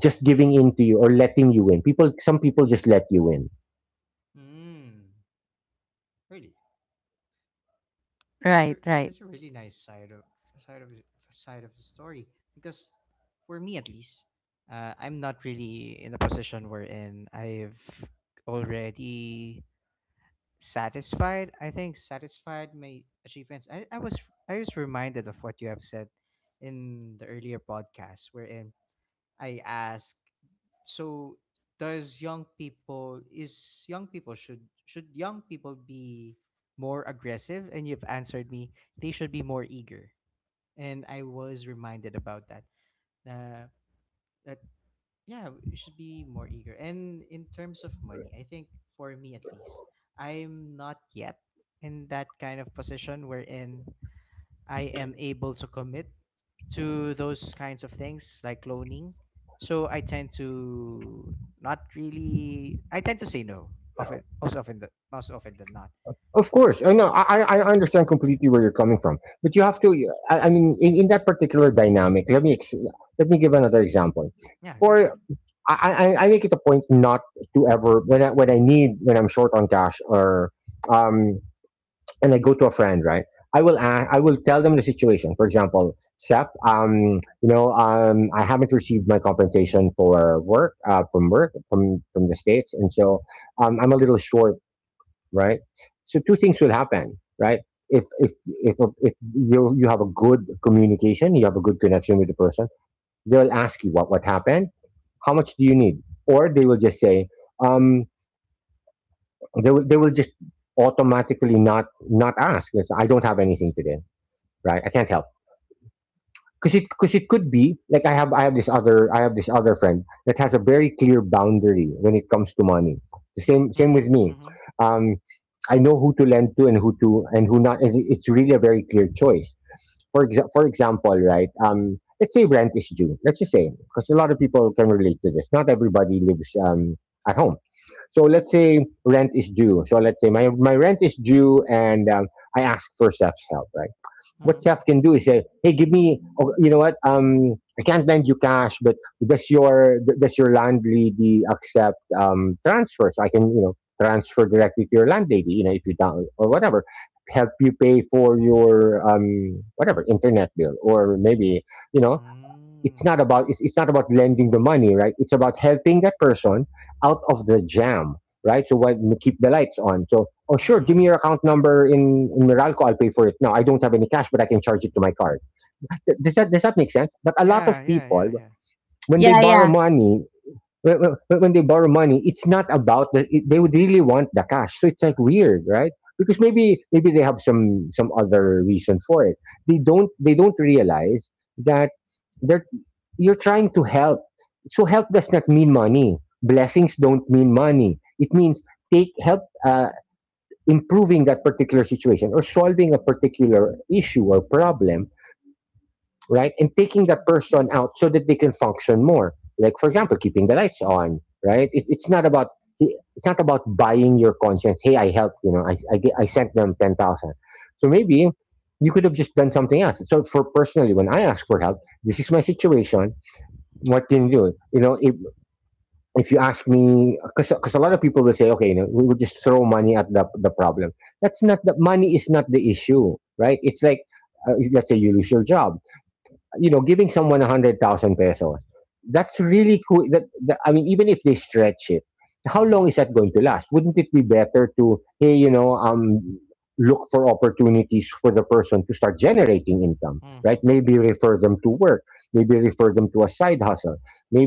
[SPEAKER 3] just giving in to you, or letting you in. People Some people just let you in.
[SPEAKER 1] Mm. Really. It's a,
[SPEAKER 2] Right, right.
[SPEAKER 1] it's a really nice side of side of the story because, for me at least, I'm not really in a position wherein I've already satisfied. I think satisfied my achievements. I was, I was reminded of what you have said in the earlier podcast wherein I ask, so does young people is young people should young people be more aggressive? And you've answered me, they should be more eager. And I was reminded about that. Uh, that yeah, we should be more eager. And in terms of money, I think for me at least, I'm not yet in that kind of position wherein I am able to commit to those kinds of things like loaning. So I tend to not really. I tend to say no of it most often. The, most often than not.
[SPEAKER 3] Of course, I know. I understand completely where you're coming from, but you have to— I mean, in that particular dynamic, let me give another example.
[SPEAKER 1] Yeah, go for
[SPEAKER 3] For
[SPEAKER 1] it.
[SPEAKER 3] I, I make it a point not to ever, when I'm short on cash, or um and I go to a friend, right? I will tell them the situation, for example, "Sep, I haven't received my compensation for work, from work, from the States, and so, I'm a little short," right? So two things will happen, right. if if if if you have a good communication, you have a good connection with the person, they'll ask you, what happened, how much do you need? Or they will just say, um, they will just automatically not ask, "I don't have anything today, right, I can't help." Because it could be like, I have this other friend that has a very clear boundary when it comes to money. The same with
[SPEAKER 1] Mm-hmm.
[SPEAKER 3] me.
[SPEAKER 1] Mm-hmm.
[SPEAKER 3] um, I know who to lend to, and who to and who not, and it's really a very clear choice. For example, right? Let's say rent is due. Let's just say, because a lot of people can relate to this. Not everybody lives, at home, so let's say rent is due. So let's say my rent is due, and, I ask for Seth's help, right? What
[SPEAKER 1] Mm-hmm.
[SPEAKER 3] Seth can do is say, "Hey, give me, oh, you know what? I can't lend you cash, but does your landlady accept transfer? So I can, you know." Transfer directly to your landlady, you know, if you don't or whatever help you pay for your whatever internet bill or maybe you know it's
[SPEAKER 1] Mm-hmm.
[SPEAKER 3] not about it's not about lending the money, right, it's about helping that person out of the jam, right? So what, keep the lights on. So, oh, sure, give
[SPEAKER 1] Mm-hmm.
[SPEAKER 3] me your account number in Meralco, I'll pay for it. No, I don't have any cash, but I can charge it to my card. Does that make sense? But a lot of
[SPEAKER 1] Yeah. Yeah.
[SPEAKER 3] people
[SPEAKER 1] Yeah. Yeah.
[SPEAKER 3] when they
[SPEAKER 2] Yeah,
[SPEAKER 3] borrow
[SPEAKER 2] yeah,
[SPEAKER 3] money, when, when they borrow money, it's not about that. It, they would really want the cash, so it's like weird, right? Because maybe they have some other reason for it. They don't realize that they're, you're trying to help. So help does not mean money. Blessings don't mean money. It means take help, improving that particular situation or solving a particular issue or problem, right? And taking that
[SPEAKER 1] True.
[SPEAKER 3] person
[SPEAKER 1] Yeah.
[SPEAKER 3] out so that they can function more. Like, for
[SPEAKER 1] Mm-hmm.
[SPEAKER 3] example, keeping the lights on, right? It's not about, it's not about buying your conscience. Hey, I helped. You know, I sent them 10,000. So maybe you could have just done something else. So for personally, when I ask for help, this is my situation. What can you do? You know, if you ask me, because a lot of people will say, okay, you know, we will just throw money at the problem. That's not, the money is not the issue, right? It's like, let's say you lose your job, you know, giving someone a hundred thousand pesos, that's really cool. That I mean, even if they stretch it, how
[SPEAKER 1] Mm-hmm.
[SPEAKER 3] long is that going to last? Wouldn't it be better to, hey, you know, look for opportunities for the person to start generating income,
[SPEAKER 1] Mm-hmm.
[SPEAKER 3] right? Maybe refer them to work, maybe refer them to a side hustle,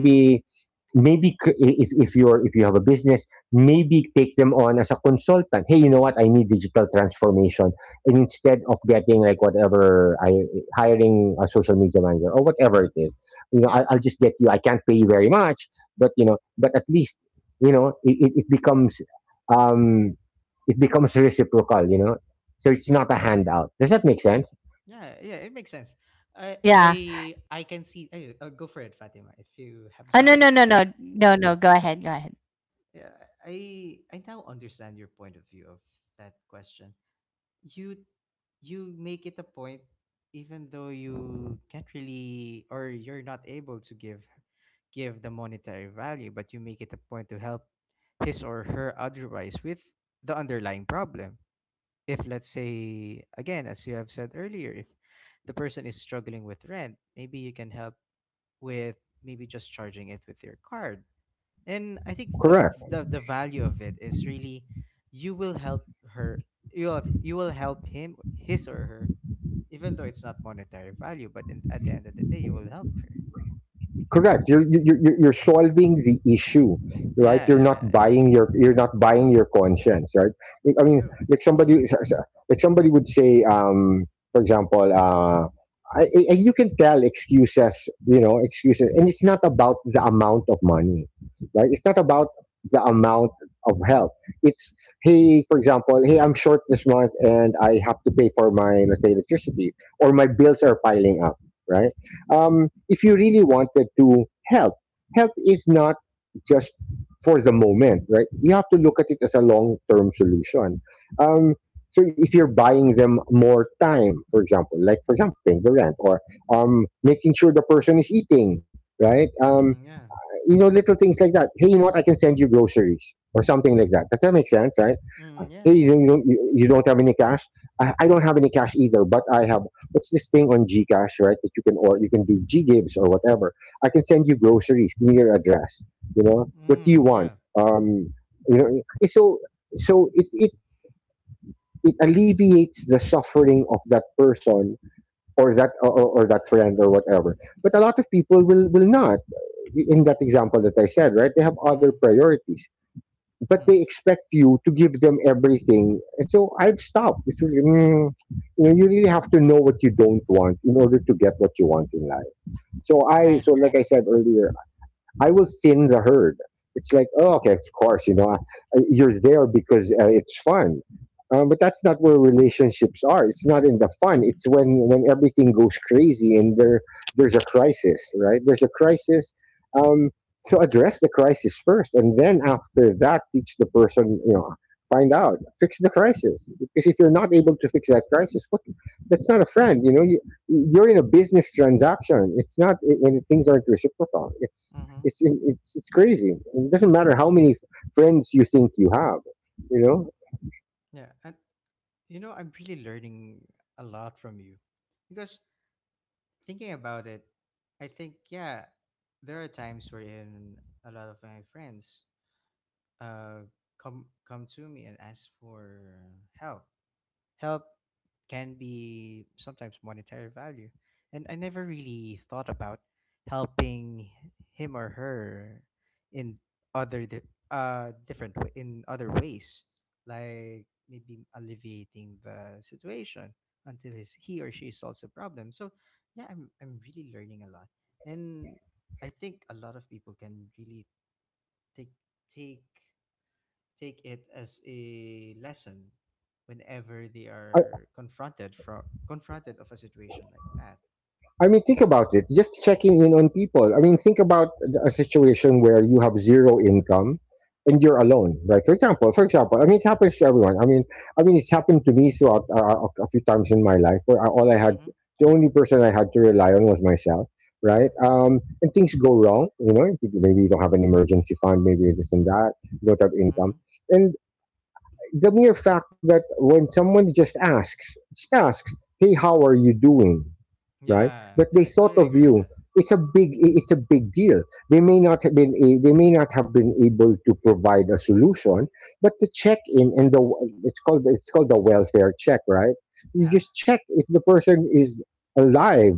[SPEAKER 1] Mm-hmm.
[SPEAKER 3] if you're, if you have a business, maybe take them on as a consultant. Hey, you know what, I need digital transformation, and instead of getting, like, whatever, I hiring a social media manager or whatever it is, you know,
[SPEAKER 1] Yeah.
[SPEAKER 3] I'll just get you, I can't pay you very much, but you know, but at least, you know, it becomes, um it becomes reciprocal, you know. So it's not a handout. Does that make sense?
[SPEAKER 1] Yeah. Yeah. It makes sense. I
[SPEAKER 2] yeah.
[SPEAKER 1] I I can see. Go for it, Fatima. If you have
[SPEAKER 2] Oh no,
[SPEAKER 1] something
[SPEAKER 2] no,
[SPEAKER 1] to
[SPEAKER 2] no, no,
[SPEAKER 1] say.
[SPEAKER 2] no, no. Go ahead, go ahead.
[SPEAKER 1] Yeah, I now understand your point of view of that question. You you make it a point, even though you can't really or you're not able to give give the monetary value, but you make it a point to help his or her otherwise with the underlying problem. If let's say again, as you have said earlier, if the person is struggling with rent, maybe you can help with maybe just charging it with your card. And I think the
[SPEAKER 3] Correct,
[SPEAKER 1] the value of it is really you will help her, you will, you will help him, his or her, even though it's not monetary value, but in, at the end of the day, you will help her.
[SPEAKER 3] correct. You're solving the issue, right? You're
[SPEAKER 1] Yeah,
[SPEAKER 3] not
[SPEAKER 1] yeah, yeah.
[SPEAKER 3] buying your, you're not buying your conscience, right? Like, I mean,
[SPEAKER 1] True.
[SPEAKER 3] like somebody, like somebody would say, for example, I, you can tell excuses, you know, excuses. And it's not about the amount of money, right? It's not about the amount of help. It's, hey, for example, hey, I'm short this month and I have to pay for my, let's say, electricity, or my bills are piling up, right? If you really wanted to help, help is not just for the moment, right? You have to look at it as a long term solution. Um, so if you're buying them more time, for example, like for example, paying the rent, or making sure the person is eating, right?
[SPEAKER 1] Mm-hmm, yeah.
[SPEAKER 3] You know, little things like that. Hey, you know what? I can send you groceries or something like that. Does that make sense, right?
[SPEAKER 1] Mm, yeah,
[SPEAKER 3] Hey, you
[SPEAKER 1] yeah.
[SPEAKER 3] don't, you don't, you you don't have any cash? I don't have any cash either, but I have, what's this thing on Gcash, right? That you can, or you can do Ggives or whatever. I can send you groceries. Give me your address. You know, what do you
[SPEAKER 1] Mm,
[SPEAKER 3] want?
[SPEAKER 1] yeah.
[SPEAKER 3] Um, you know, it's so, so it alleviates the suffering of that person, or that, or that friend or whatever. But a lot of people will not, in that example that I said, right? They have
[SPEAKER 1] Mm-hmm,
[SPEAKER 3] other priorities, but
[SPEAKER 1] mm-hmm,
[SPEAKER 3] they expect you to give them everything. And so I've stopped. It's really, you know, you really have to know what you don't want in order to get what you want in life. So I,
[SPEAKER 2] Right,
[SPEAKER 3] so like I
[SPEAKER 1] mm,
[SPEAKER 3] said earlier, I will thin the herd. It's like, oh, okay, of course, you know, you're there because it's fun. But that's not where relationships are. It's not in the fun. It's when everything goes crazy, and there, there's a crisis, right? There's a crisis. Um, so address the crisis first, and then after that, teach the person, you know, find out, fix the crisis. Because if you're not able to fix that crisis, what? That's not a friend, you know. You, you're in a business transaction. It's not, when things aren't reciprocal, It's
[SPEAKER 1] mm-hmm.
[SPEAKER 3] it's it's it's crazy. It doesn't matter how many friends you think you have. You know,
[SPEAKER 1] Yeah. And you know, I'm really learning a lot from you because, thinking about it, I think yeah, there are times wherein a lot of my friends, uh, come come to me and ask for help. Help can be sometimes monetary value, and I never really thought about helping him or her in other di- different wa- in other ways, like maybe alleviating the
[SPEAKER 3] welfare check.
[SPEAKER 1] situation
[SPEAKER 3] A welfare
[SPEAKER 1] until
[SPEAKER 3] check.
[SPEAKER 1] his he or
[SPEAKER 3] A
[SPEAKER 1] she
[SPEAKER 3] welfare
[SPEAKER 1] solves the
[SPEAKER 3] check is
[SPEAKER 1] problem. So
[SPEAKER 3] a,
[SPEAKER 1] yeah, I'm really
[SPEAKER 3] right,
[SPEAKER 1] learning
[SPEAKER 3] right.
[SPEAKER 1] a lot, and I think a lot of people can really take take take it as a lesson whenever they
[SPEAKER 3] I,
[SPEAKER 1] are confronted of a situation like that.
[SPEAKER 3] I mean, think about it. Just checking in on people. I mean, a situation where you have zero income and you're alone, right? For example, I mean, it happens to everyone. It's happened to me throughout, a few times in my life where I, all I had,
[SPEAKER 1] Mm-hmm.
[SPEAKER 3] the only person I had to rely on was myself, right?
[SPEAKER 1] Yeah.
[SPEAKER 3] And things go wrong, you know. Maybe you don't have an emergency fund, maybe this and that. You don't have income,
[SPEAKER 1] Mm-hmm.
[SPEAKER 3] and the mere fact that when someone just asks, "Hey, how are you doing?" Right?
[SPEAKER 1] Yeah.
[SPEAKER 3] That they
[SPEAKER 1] Yeah. I
[SPEAKER 3] thought
[SPEAKER 1] totally
[SPEAKER 3] of
[SPEAKER 1] agree with
[SPEAKER 3] you.
[SPEAKER 1] that.
[SPEAKER 3] It's a big. It's a big deal. They may not have been. A, they may not have been able to provide a solution, but the check-in and the, it's called the welfare check, right? You
[SPEAKER 1] Yeah.
[SPEAKER 3] just check if the person is alive.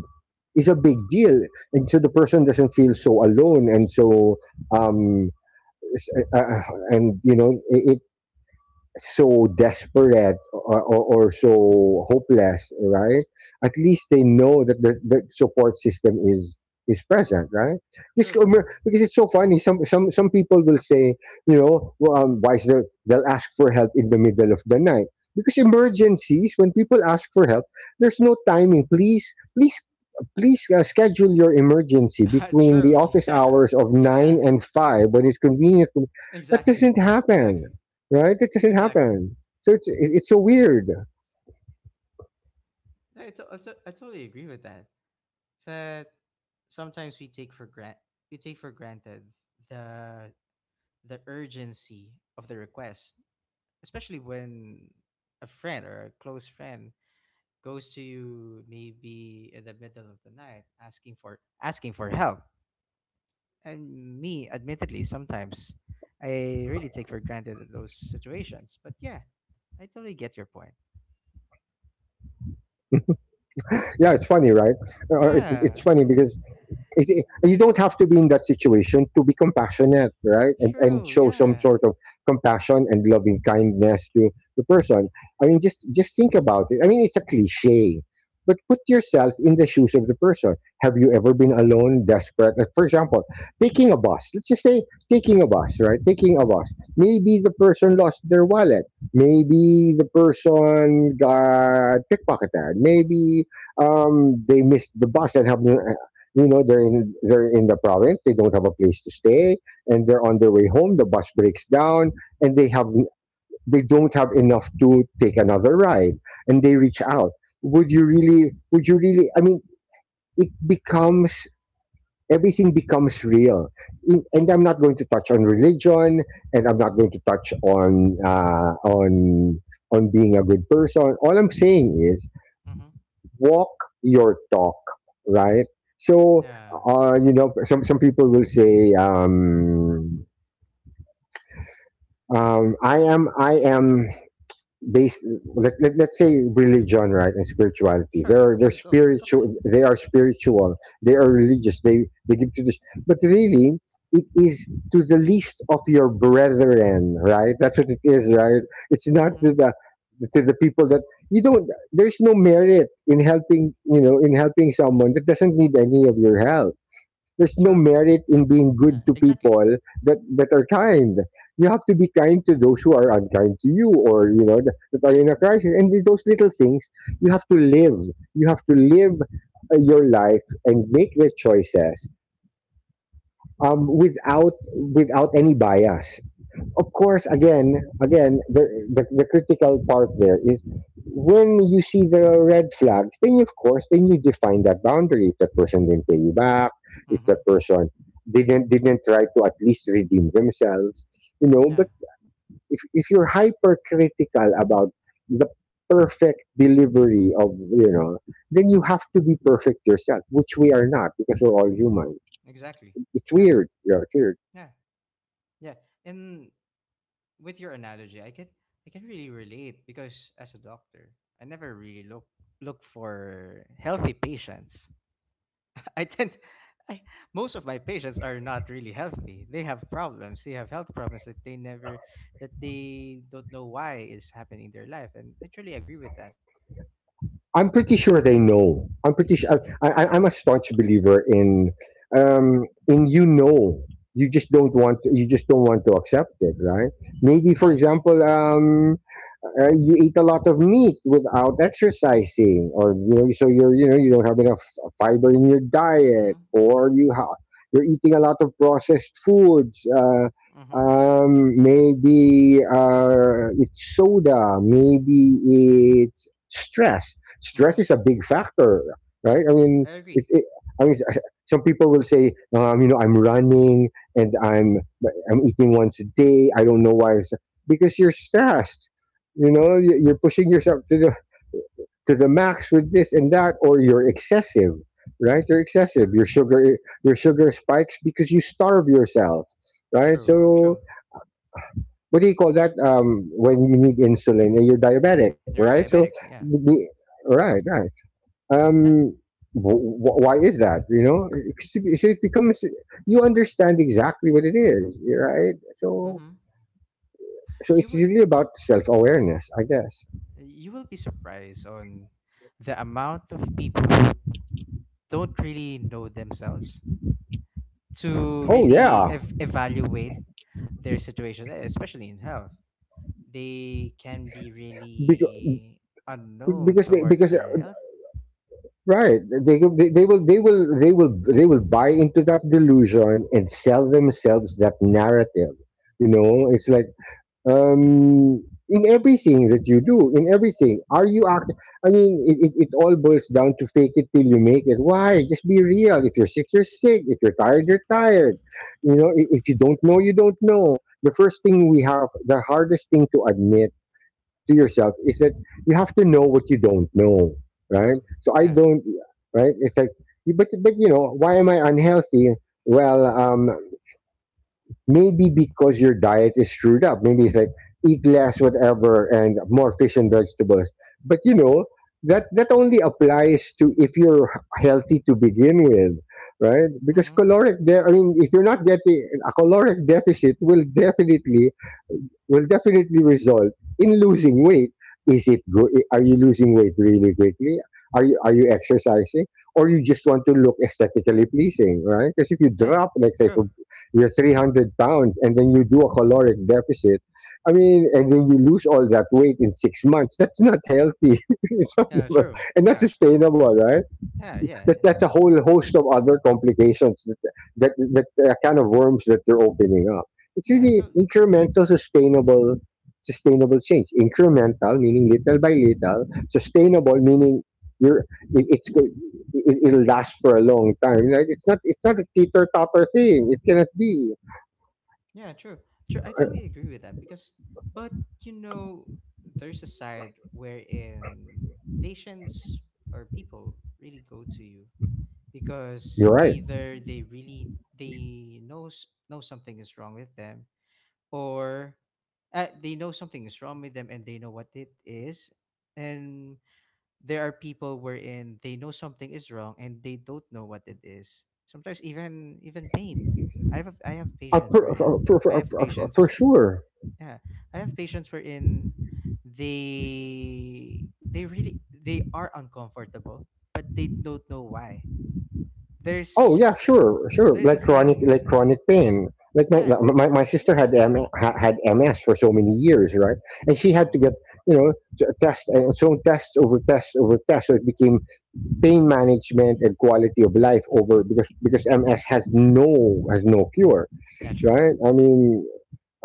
[SPEAKER 3] Is a big deal, and so the person doesn't feel so alone and so, um, s- uh, uh, and you know it, so desperate or so hopeless, right? At least they know that the support system is present, right? Because,
[SPEAKER 1] True.
[SPEAKER 3] um,
[SPEAKER 1] True.
[SPEAKER 3] because it's so funny. Some people will say, you know, well, why is there, they'll ask for help in the middle of the night because
[SPEAKER 1] Yeah.
[SPEAKER 3] emergencies. When people ask for help, there's no timing. Please, please. Please schedule your emergency between the
[SPEAKER 1] True.
[SPEAKER 3] office
[SPEAKER 1] Yeah.
[SPEAKER 3] hours of 9
[SPEAKER 1] Yeah.
[SPEAKER 3] and 5 when it's convenient. That
[SPEAKER 1] Exactly.
[SPEAKER 3] doesn't happen,
[SPEAKER 1] Exactly.
[SPEAKER 3] right? It doesn't
[SPEAKER 1] Exactly.
[SPEAKER 3] happen. So it's so weird.
[SPEAKER 1] Yeah, I totally agree with that. That sometimes we take for granted the the urgency of the request, especially when a friend or a close friend goes to you maybe in the middle of the night asking for help. And me, admittedly, sometimes I really take for granted those situations, but yeah, I totally get your point.
[SPEAKER 3] Yeah, it's funny, right? It, it's funny
[SPEAKER 1] Yeah,
[SPEAKER 3] because you don't have to be in that situation to be compassionate, right? And
[SPEAKER 1] true.
[SPEAKER 3] show some
[SPEAKER 1] Yeah.
[SPEAKER 3] sort of compassion and loving kindness to the person. I mean, just think about it. I mean, it's a cliche, but put yourself in the shoes of the person. Have you ever been alone, desperate? Like, for example, taking a bus. Let's just say taking a bus, right? Taking a bus. Maybe the person lost their wallet. Maybe the person got pickpocketed. Maybe, they missed the bus and have no, you know, they're in the province. They don't have a place to stay, and they're on their way home. The bus breaks down, and they have, they don't have enough to take another ride, and they reach out. Would you really? Would you really? I mean, it becomes, everything becomes real. In, and I'm not going to touch on religion, and I'm not going to touch on, on being a good person. All I'm saying,
[SPEAKER 1] Mm-hmm.
[SPEAKER 3] walk your talk, right? So,
[SPEAKER 1] Yeah.
[SPEAKER 3] you know, some people will say, "I am, I am." Based, let, let's say religion, right, and spirituality, they
[SPEAKER 1] Sure,
[SPEAKER 3] are, they're
[SPEAKER 1] sure, go for it.
[SPEAKER 3] spiritual, they are spiritual, they are religious, they give to this, but really, it is to the least of your brethren, right? That's what it is, right? It's not to
[SPEAKER 1] Mm-hmm.
[SPEAKER 3] the, to the people that you don't, there's no merit in helping, you know, in helping someone that doesn't need any of your help. There's no
[SPEAKER 1] True.
[SPEAKER 3] merit in being
[SPEAKER 1] Yeah,
[SPEAKER 3] good to
[SPEAKER 1] exactly.
[SPEAKER 3] people that, that are kind. You have to be kind to those who are unkind to you, or you know, that, that are in a crisis. And with those little things, you have to live. You have to live, your life and make the choices, without, without any bias. Of course, again, again, the critical part there is when you see the red flags, then you, of course, then you define that boundary. If that person didn't pay you back, if
[SPEAKER 1] Mm-hmm.
[SPEAKER 3] that person didn't try to at least redeem themselves, you know.
[SPEAKER 1] Yeah,
[SPEAKER 3] But If you're hypercritical about the perfect delivery of then you have to be perfect yourself, which we are not because we're all human.
[SPEAKER 1] exactly.
[SPEAKER 3] It's
[SPEAKER 1] Yeah,
[SPEAKER 3] weird. Yeah, it's weird.
[SPEAKER 1] yeah, yeah. And with your analogy, I can, I can really relate, because as a doctor, I never really look for healthy patients. I tend I Most of my patients are not really healthy. They have problems. They have health problems that they never that they don't know why is happening in their life. And I truly agree with that.
[SPEAKER 3] I'm pretty sure they know. I'm pretty sure. I'm a staunch believer um, in you just don't want to accept it, right? Maybe, for
[SPEAKER 1] Yeah.
[SPEAKER 3] example, you eat a lot of meat without exercising, or so you're you know you don't have enough fiber in your diet,
[SPEAKER 1] Mhm. Mhm.
[SPEAKER 3] you're eating a lot of processed foods.
[SPEAKER 1] Mhm.
[SPEAKER 3] Maybe it's soda. Maybe it's stress. Stress
[SPEAKER 1] Mhm.
[SPEAKER 3] is a big factor, right?
[SPEAKER 1] Yeah,
[SPEAKER 3] I mean,
[SPEAKER 1] I
[SPEAKER 3] it,
[SPEAKER 1] agree.
[SPEAKER 3] it, I mean, uh, some people will say, you know, I'm running and I'm eating once a day. I don't know why. Because you're stressed. You know, you- are pushing yourself to the max with this and that, or you're excessive, right? You're excessive. Your sugar spikes because you starve yourself, right?
[SPEAKER 1] True,
[SPEAKER 3] So
[SPEAKER 1] true.
[SPEAKER 3] what do you call that? When you need insulin and you're diabetic,
[SPEAKER 1] You're
[SPEAKER 3] right? So,
[SPEAKER 1] diabetic, yeah.
[SPEAKER 3] the- right, right.
[SPEAKER 1] Yeah.
[SPEAKER 3] Um, why is that? You know, so it becomes you understand exactly what it is, right? So,
[SPEAKER 1] Mhm.
[SPEAKER 3] so
[SPEAKER 1] You
[SPEAKER 3] it's
[SPEAKER 1] would.
[SPEAKER 3] really about self awareness, I guess.
[SPEAKER 1] You will be surprised on the amount of people who don't really know themselves to
[SPEAKER 3] Oh
[SPEAKER 1] really
[SPEAKER 3] yeah.
[SPEAKER 1] evaluate their situations, eh, especially in health. They can be really
[SPEAKER 3] Be-
[SPEAKER 1] unknown
[SPEAKER 3] because they
[SPEAKER 1] towards
[SPEAKER 3] because
[SPEAKER 1] their health.
[SPEAKER 3] Right, they, go- they will they will they will they will buy into that delusion and sell themselves that narrative. You know, it's like, um in everything that you do, in everything are you act, I mean, it all boils down to fake it till you make it. Why? Just be real. If you're sick, you're sick. If you're tired, you're tired. You know, if you don't know, you don't know. The first thing we have, the hardest thing to admit to yourself, is that you have to know what you don't know, right?
[SPEAKER 1] True.
[SPEAKER 3] So I
[SPEAKER 1] Yeah.
[SPEAKER 3] don't, right? It's like, but you know, why am I unhealthy? Well, maybe because your diet is screwed up. Maybe it's like eat less, whatever, and more fish and vegetables. But you know, that only applies to if you're healthy to begin with, right? Because
[SPEAKER 1] Mm-hmm.
[SPEAKER 3] I mean, if you're not getting a caloric deficit, will definitely result in losing weight. Is it good? Are you losing weight really quickly? Are you exercising, or you just want to look aesthetically pleasing, right? Because if you
[SPEAKER 1] Yeah.
[SPEAKER 3] drop, like say,
[SPEAKER 1] True.
[SPEAKER 3] from you're 300 pounds, and then you do a caloric deficit, I mean, and then you lose all that weight in 6 months. That's not healthy. It's not,
[SPEAKER 1] Yeah. True.
[SPEAKER 3] and not
[SPEAKER 1] Yeah.
[SPEAKER 3] sustainable, right?
[SPEAKER 1] Yeah. Yeah.
[SPEAKER 3] that
[SPEAKER 1] Yeah.
[SPEAKER 3] that's a whole host of other complications that kind of worms that they're opening up. It's
[SPEAKER 1] Yeah, I
[SPEAKER 3] really
[SPEAKER 1] to-
[SPEAKER 3] incremental, sustainable, sustainable change. Incremental meaning little by little. Sustainable meaning you're it, it's go- it, it'll last for a long time. Like, it's not, it's not a teeter totter thing. It cannot be.
[SPEAKER 1] Yeah, true. True, I totally agree with that. But you know, there's a side wherein patients or people really go to you because
[SPEAKER 3] You're right.
[SPEAKER 1] either they really they knows know something is wrong with them, or they know something is wrong with them and they know what it is. And there are people wherein they know something is wrong and they don't know what it is. Sometimes even pain. I have
[SPEAKER 3] Uh,
[SPEAKER 1] patients
[SPEAKER 3] for,
[SPEAKER 1] wherein
[SPEAKER 3] for, for,
[SPEAKER 1] I have
[SPEAKER 3] for, for,
[SPEAKER 1] patients
[SPEAKER 3] for sure.
[SPEAKER 1] yeah, I have patients wherein they they are uncomfortable but they don't know why.
[SPEAKER 3] Oh
[SPEAKER 1] There's
[SPEAKER 3] yeah, sure, sure.
[SPEAKER 1] there's a
[SPEAKER 3] Like
[SPEAKER 1] thing.
[SPEAKER 3] chronic pain. Like
[SPEAKER 1] Yeah.
[SPEAKER 3] my sister
[SPEAKER 1] Yeah.
[SPEAKER 3] had had MS for so many years, right? And she had to
[SPEAKER 1] Oh,
[SPEAKER 3] get, you know, test and so test over test over test. So it became pain management and quality of life over because because MS has no cure,
[SPEAKER 1] yeah, true.
[SPEAKER 3] right? I mean,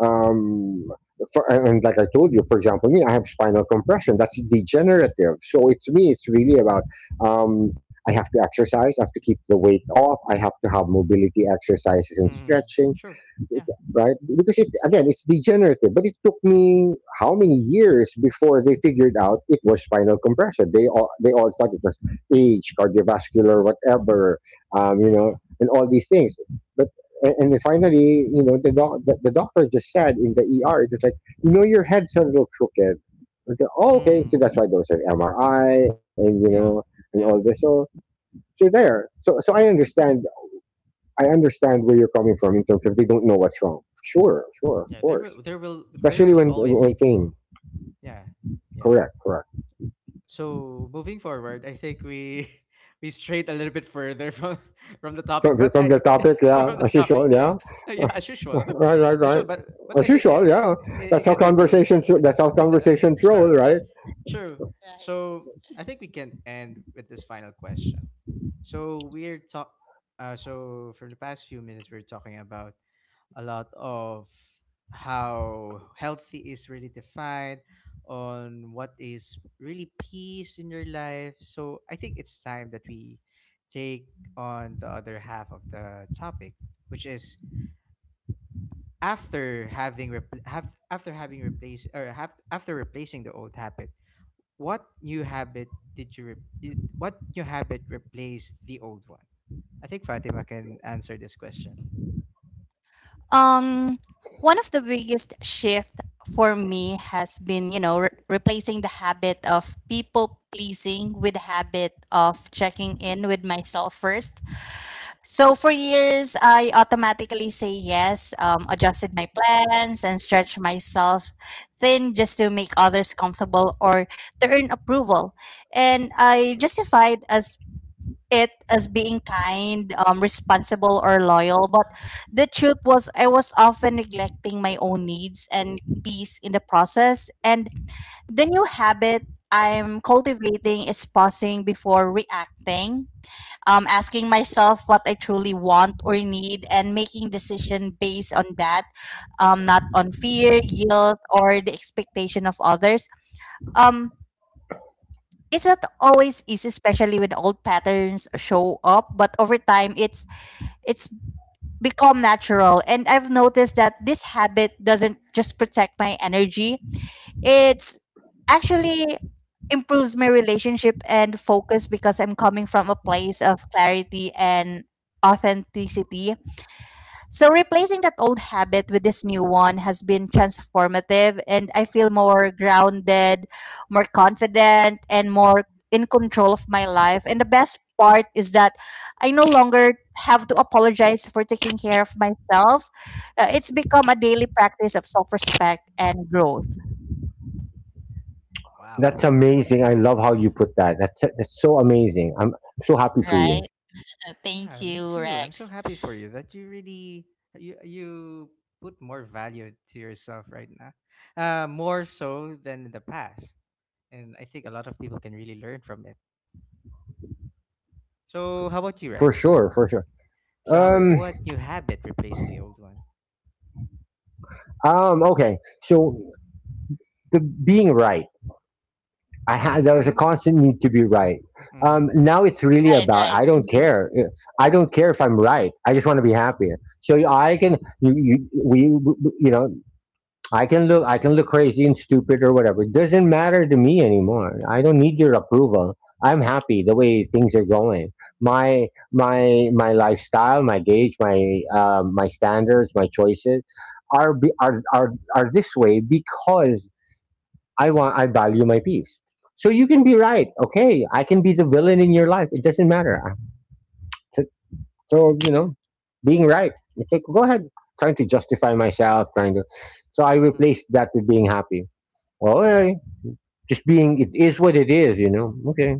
[SPEAKER 3] um, for, and like I told you, for example, me, I have spinal compression. That's degenerative. So it's me. It's really about, I have to exercise. I have to keep the weight off. I have to have mobility exercises and
[SPEAKER 1] Mm,
[SPEAKER 3] stretching,
[SPEAKER 1] true.
[SPEAKER 3] it-
[SPEAKER 1] Yeah.
[SPEAKER 3] right? Because it, again, it's degenerative. But it took me how many years before they figured out it was spinal compression. They all thought it was age, cardiovascular, whatever, you know,
[SPEAKER 1] Mm-hmm.
[SPEAKER 3] and all these things. But, and then finally, you know, the doctor just said in the ER, it like, you know, your head's a little crooked. Okay, oh, okay, so
[SPEAKER 1] Mm.
[SPEAKER 3] that's why those are MRI and you know
[SPEAKER 1] Yeah.
[SPEAKER 3] and all
[SPEAKER 1] Yeah.
[SPEAKER 3] this. So so there. So I understand where you're coming from in terms of they don't know what's wrong. Sure, sure, of
[SPEAKER 1] Yeah, there
[SPEAKER 3] course.
[SPEAKER 1] will
[SPEAKER 3] Especially when
[SPEAKER 1] always
[SPEAKER 3] when
[SPEAKER 1] be
[SPEAKER 3] pain.
[SPEAKER 1] people. Yeah. Yeah.
[SPEAKER 3] Correct, correct.
[SPEAKER 1] So moving forward, I think we we strayed a little bit further from from the topic,
[SPEAKER 3] From
[SPEAKER 1] but
[SPEAKER 3] from the
[SPEAKER 1] I
[SPEAKER 3] topic, yeah,
[SPEAKER 1] from the
[SPEAKER 3] as
[SPEAKER 1] topic.
[SPEAKER 3] usual, yeah.
[SPEAKER 1] Yeah, as usual.
[SPEAKER 3] Right, right,
[SPEAKER 1] As
[SPEAKER 3] right.
[SPEAKER 1] usual, but I
[SPEAKER 3] As
[SPEAKER 1] think
[SPEAKER 3] usual, yeah. That's
[SPEAKER 1] it
[SPEAKER 3] how
[SPEAKER 1] can be very
[SPEAKER 3] conversations. That's how
[SPEAKER 1] yeah,
[SPEAKER 3] conversations roll,
[SPEAKER 1] true.
[SPEAKER 3] right?
[SPEAKER 1] True.
[SPEAKER 2] right.
[SPEAKER 1] So I think we can end with this final question. So we're talk so for the past few minutes we're talking about a lot of how healthy is really defined, on what is really peace in your life. So I think it's time that we take on the other half of the topic, which is, after having repl- have after having replaced or have after replacing the old habit, what new habit did you re- it- what new habit replaced the old one. I think Fatima can answer this question.
[SPEAKER 2] Um, One of the biggest shift for me has been, you know, replacing the habit of people pleasing with the habit of checking in with myself first. So for years, I automatically say yes, adjusted my plans, and stretch myself thin just to make others comfortable or to earn approval. And I justified as it as being kind, responsible, or loyal. But the truth was, I was often neglecting my own needs and peace in the process. And the new habit I'm cultivating is pausing before reacting, asking myself what I truly want or need, and making decision based on that, not on fear, guilt, or the expectation of others. Um, it's not always easy, especially when old patterns show up, but over time, it's become natural. And I've noticed that this habit doesn't just protect my energy, it's actually improves my relationship and focus because I'm coming from a place of clarity and authenticity. So replacing that old habit with this new one has been transformative, and I feel more grounded, more confident, and more in control of my life. And the best part is that I no longer have to apologize for taking care of myself. It's become a daily practice of self-respect and growth,
[SPEAKER 3] That's
[SPEAKER 1] Wow.
[SPEAKER 3] amazing. I love how
[SPEAKER 1] Yeah.
[SPEAKER 3] you put that. That's so amazing. I'm so happy for
[SPEAKER 2] right?
[SPEAKER 3] you.
[SPEAKER 2] Thank
[SPEAKER 1] Yeah, me
[SPEAKER 2] you,
[SPEAKER 1] too. I'm so
[SPEAKER 2] Rex.
[SPEAKER 1] happy for you that you really, you put more value to yourself right now, more so than in the past. And I think a lot of people can really learn from it. So, how about you,
[SPEAKER 3] For
[SPEAKER 1] Rex?
[SPEAKER 3] sure, for sure.
[SPEAKER 1] So, how about,
[SPEAKER 3] Um,
[SPEAKER 1] what new habit replaced the old one?
[SPEAKER 3] Okay. So the being right. I had there was a
[SPEAKER 1] Mm-hmm.
[SPEAKER 3] constant need to be right.
[SPEAKER 1] Mm-hmm.
[SPEAKER 3] Now it's really
[SPEAKER 2] Right,
[SPEAKER 3] about
[SPEAKER 2] right.
[SPEAKER 3] I don't
[SPEAKER 2] Hmm.
[SPEAKER 3] care. I don't care if I'm right. I just want to be happy. So I can you, you we you know I can look crazy and stupid or whatever. It doesn't matter to me anymore. I don't need your approval. I'm happy the way things are going. My lifestyle, my gauge, my my standards, my choices are are this way because I value my peace. So you can be right. Okay, I can be the villain in your life. It doesn't matter. So, so you know, being right. It's like go ahead, trying to justify myself, trying to. So I
[SPEAKER 1] Mm-hmm.
[SPEAKER 3] replaced that with being happy. All right, just being. It is what it is. You know. Okay.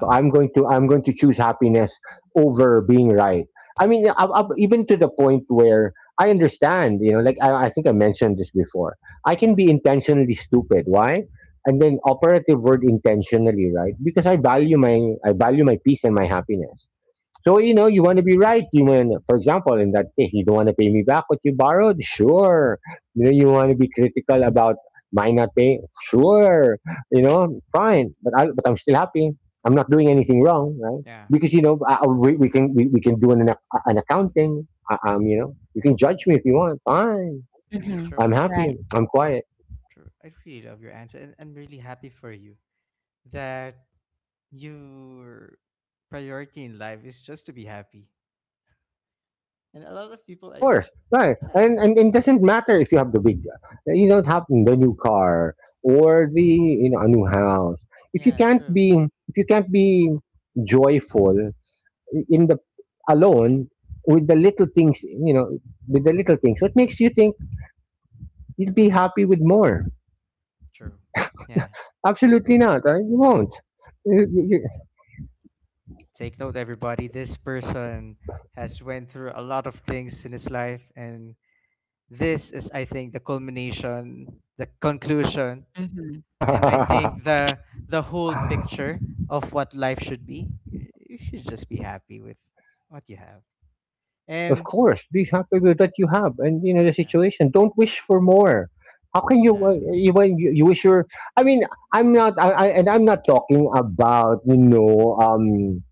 [SPEAKER 3] So I'm going to choose happiness over being right. I mean, even to the point where I understand, you know, like I think I mentioned this before. I can
[SPEAKER 1] Mm-hmm.
[SPEAKER 3] be intentionally stupid. Why? And then operative word intentionally, right? Because I value my peace and my happiness. So, you know, you want to be right. You want, for example, in that case, you don't want to pay me back what you borrowed. Sure. You know, you want to be critical about my not paying. Sure. You know, fine. But I'm still happy. I'm not doing anything wrong, right?
[SPEAKER 1] Yeah.
[SPEAKER 3] Because you know, we can we can do an an accounting. You know, you can judge me if you want. Fine.
[SPEAKER 2] Hmm.
[SPEAKER 3] I'm
[SPEAKER 1] True.
[SPEAKER 3] happy.
[SPEAKER 2] Right.
[SPEAKER 3] I'm quiet.
[SPEAKER 1] True. I really love your answer, and I'm really happy for you that your priority in life is just to be happy. And a lot of
[SPEAKER 3] Of
[SPEAKER 1] people, I think,
[SPEAKER 3] course, right,
[SPEAKER 1] a lot of it,
[SPEAKER 3] and it doesn't matter if you have the big, you don't have the new car or the, you know, a new house. If you
[SPEAKER 1] yeah,
[SPEAKER 3] can't
[SPEAKER 1] true,
[SPEAKER 3] be if you can't be joyful in the alone with the little things, you know, with the little things, what makes you think you'll be happy with more?
[SPEAKER 1] true. Yeah.
[SPEAKER 3] Absolutely not. Right? You won't.
[SPEAKER 1] Take note, everybody. This person has went through a lot of things in his life, and this is, I think, the culmination, the conclusion,
[SPEAKER 2] Hmm.
[SPEAKER 1] and I think the whole picture of what life should be. You should just be happy with what you have,
[SPEAKER 3] Of
[SPEAKER 1] and
[SPEAKER 3] course, be happy with what you have and you know the
[SPEAKER 1] yeah,
[SPEAKER 3] situation. Don't wish for more. How can you
[SPEAKER 1] yeah.
[SPEAKER 3] you when you wish your? I mean, I'm not. I And I'm not talking about you know.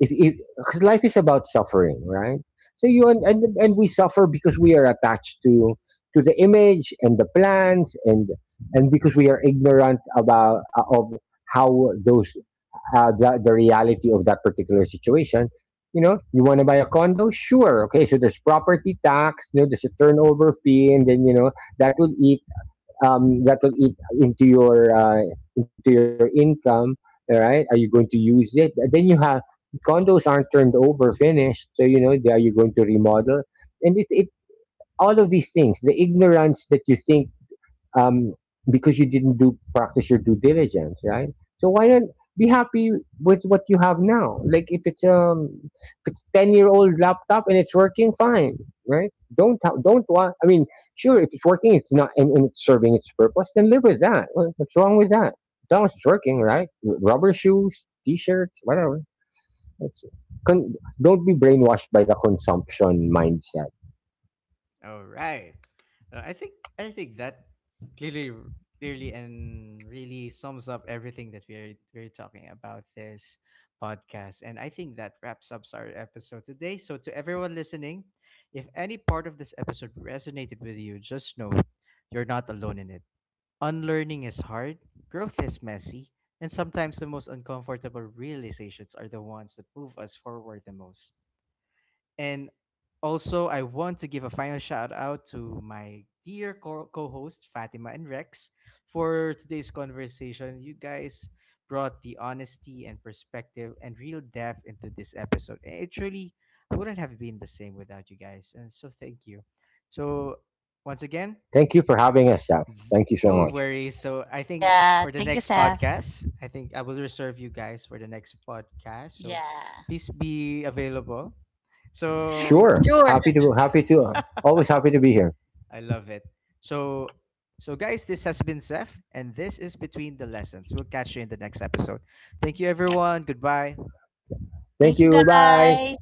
[SPEAKER 3] If 'cause life is about suffering, right? So you, and we suffer because we are attached to the image and the plans and because we are ignorant about of how those the reality of that particular situation. You know, you want to buy a condo, sure, okay, so there's property tax, you know, there's a turnover fee and then you know that will that will eat into your income. All right, are you going to use it? Then you have condos aren't turned over, finished. So you know, they- are you going to remodel? And it all of these things, the ignorance that you think, um, because you didn't do practice your due diligence, right? So why not be happy with what you have now? Like if it's 10 year old laptop and it's working fine, right? Don't want. I mean, sure, if it's working, it's not and, and it's serving its purpose. Then live with that. What- What's wrong with that? As long as it's working, right? Rubber shoes, t-shirts, whatever. It's con- don't be brainwashed by the consumption mindset.
[SPEAKER 1] All right. I think that clearly, and really sums up everything that we're talking about this podcast. And I think that wraps up our episode today. So to everyone listening, if any part of this episode resonated with you, just know you're not alone in it. Unlearning is hard, growth is messy, and sometimes the most uncomfortable realizations are the ones that move us forward the most. And also, I want to give a final shout out to my dear co host, Fatima and Rex, for today's conversation. You guys brought the honesty and perspective and real depth into this episode. It truly wouldn't have been the same without you guys. And so, thank you. So, once again,
[SPEAKER 3] Thank you for having us, Jeff.
[SPEAKER 1] th-
[SPEAKER 3] Thank you so
[SPEAKER 1] no
[SPEAKER 3] much.
[SPEAKER 1] worries. So, I think
[SPEAKER 2] Yeah,
[SPEAKER 1] for the
[SPEAKER 2] thank you,
[SPEAKER 1] next
[SPEAKER 2] Seth.
[SPEAKER 1] podcast, I think I will reserve you guys for the next podcast. So,
[SPEAKER 2] Yeah.
[SPEAKER 1] please be available.
[SPEAKER 3] Sure.
[SPEAKER 1] So
[SPEAKER 2] Sure.
[SPEAKER 3] Happy to happy to always happy to be here.
[SPEAKER 1] I love it. So, so guys, this has been Zeph, and this is Between the Lessons. We'll catch you in the next episode. Thank you, everyone. Goodbye.
[SPEAKER 2] Thank
[SPEAKER 3] Thank
[SPEAKER 2] you,
[SPEAKER 3] you. Bye.
[SPEAKER 2] guys.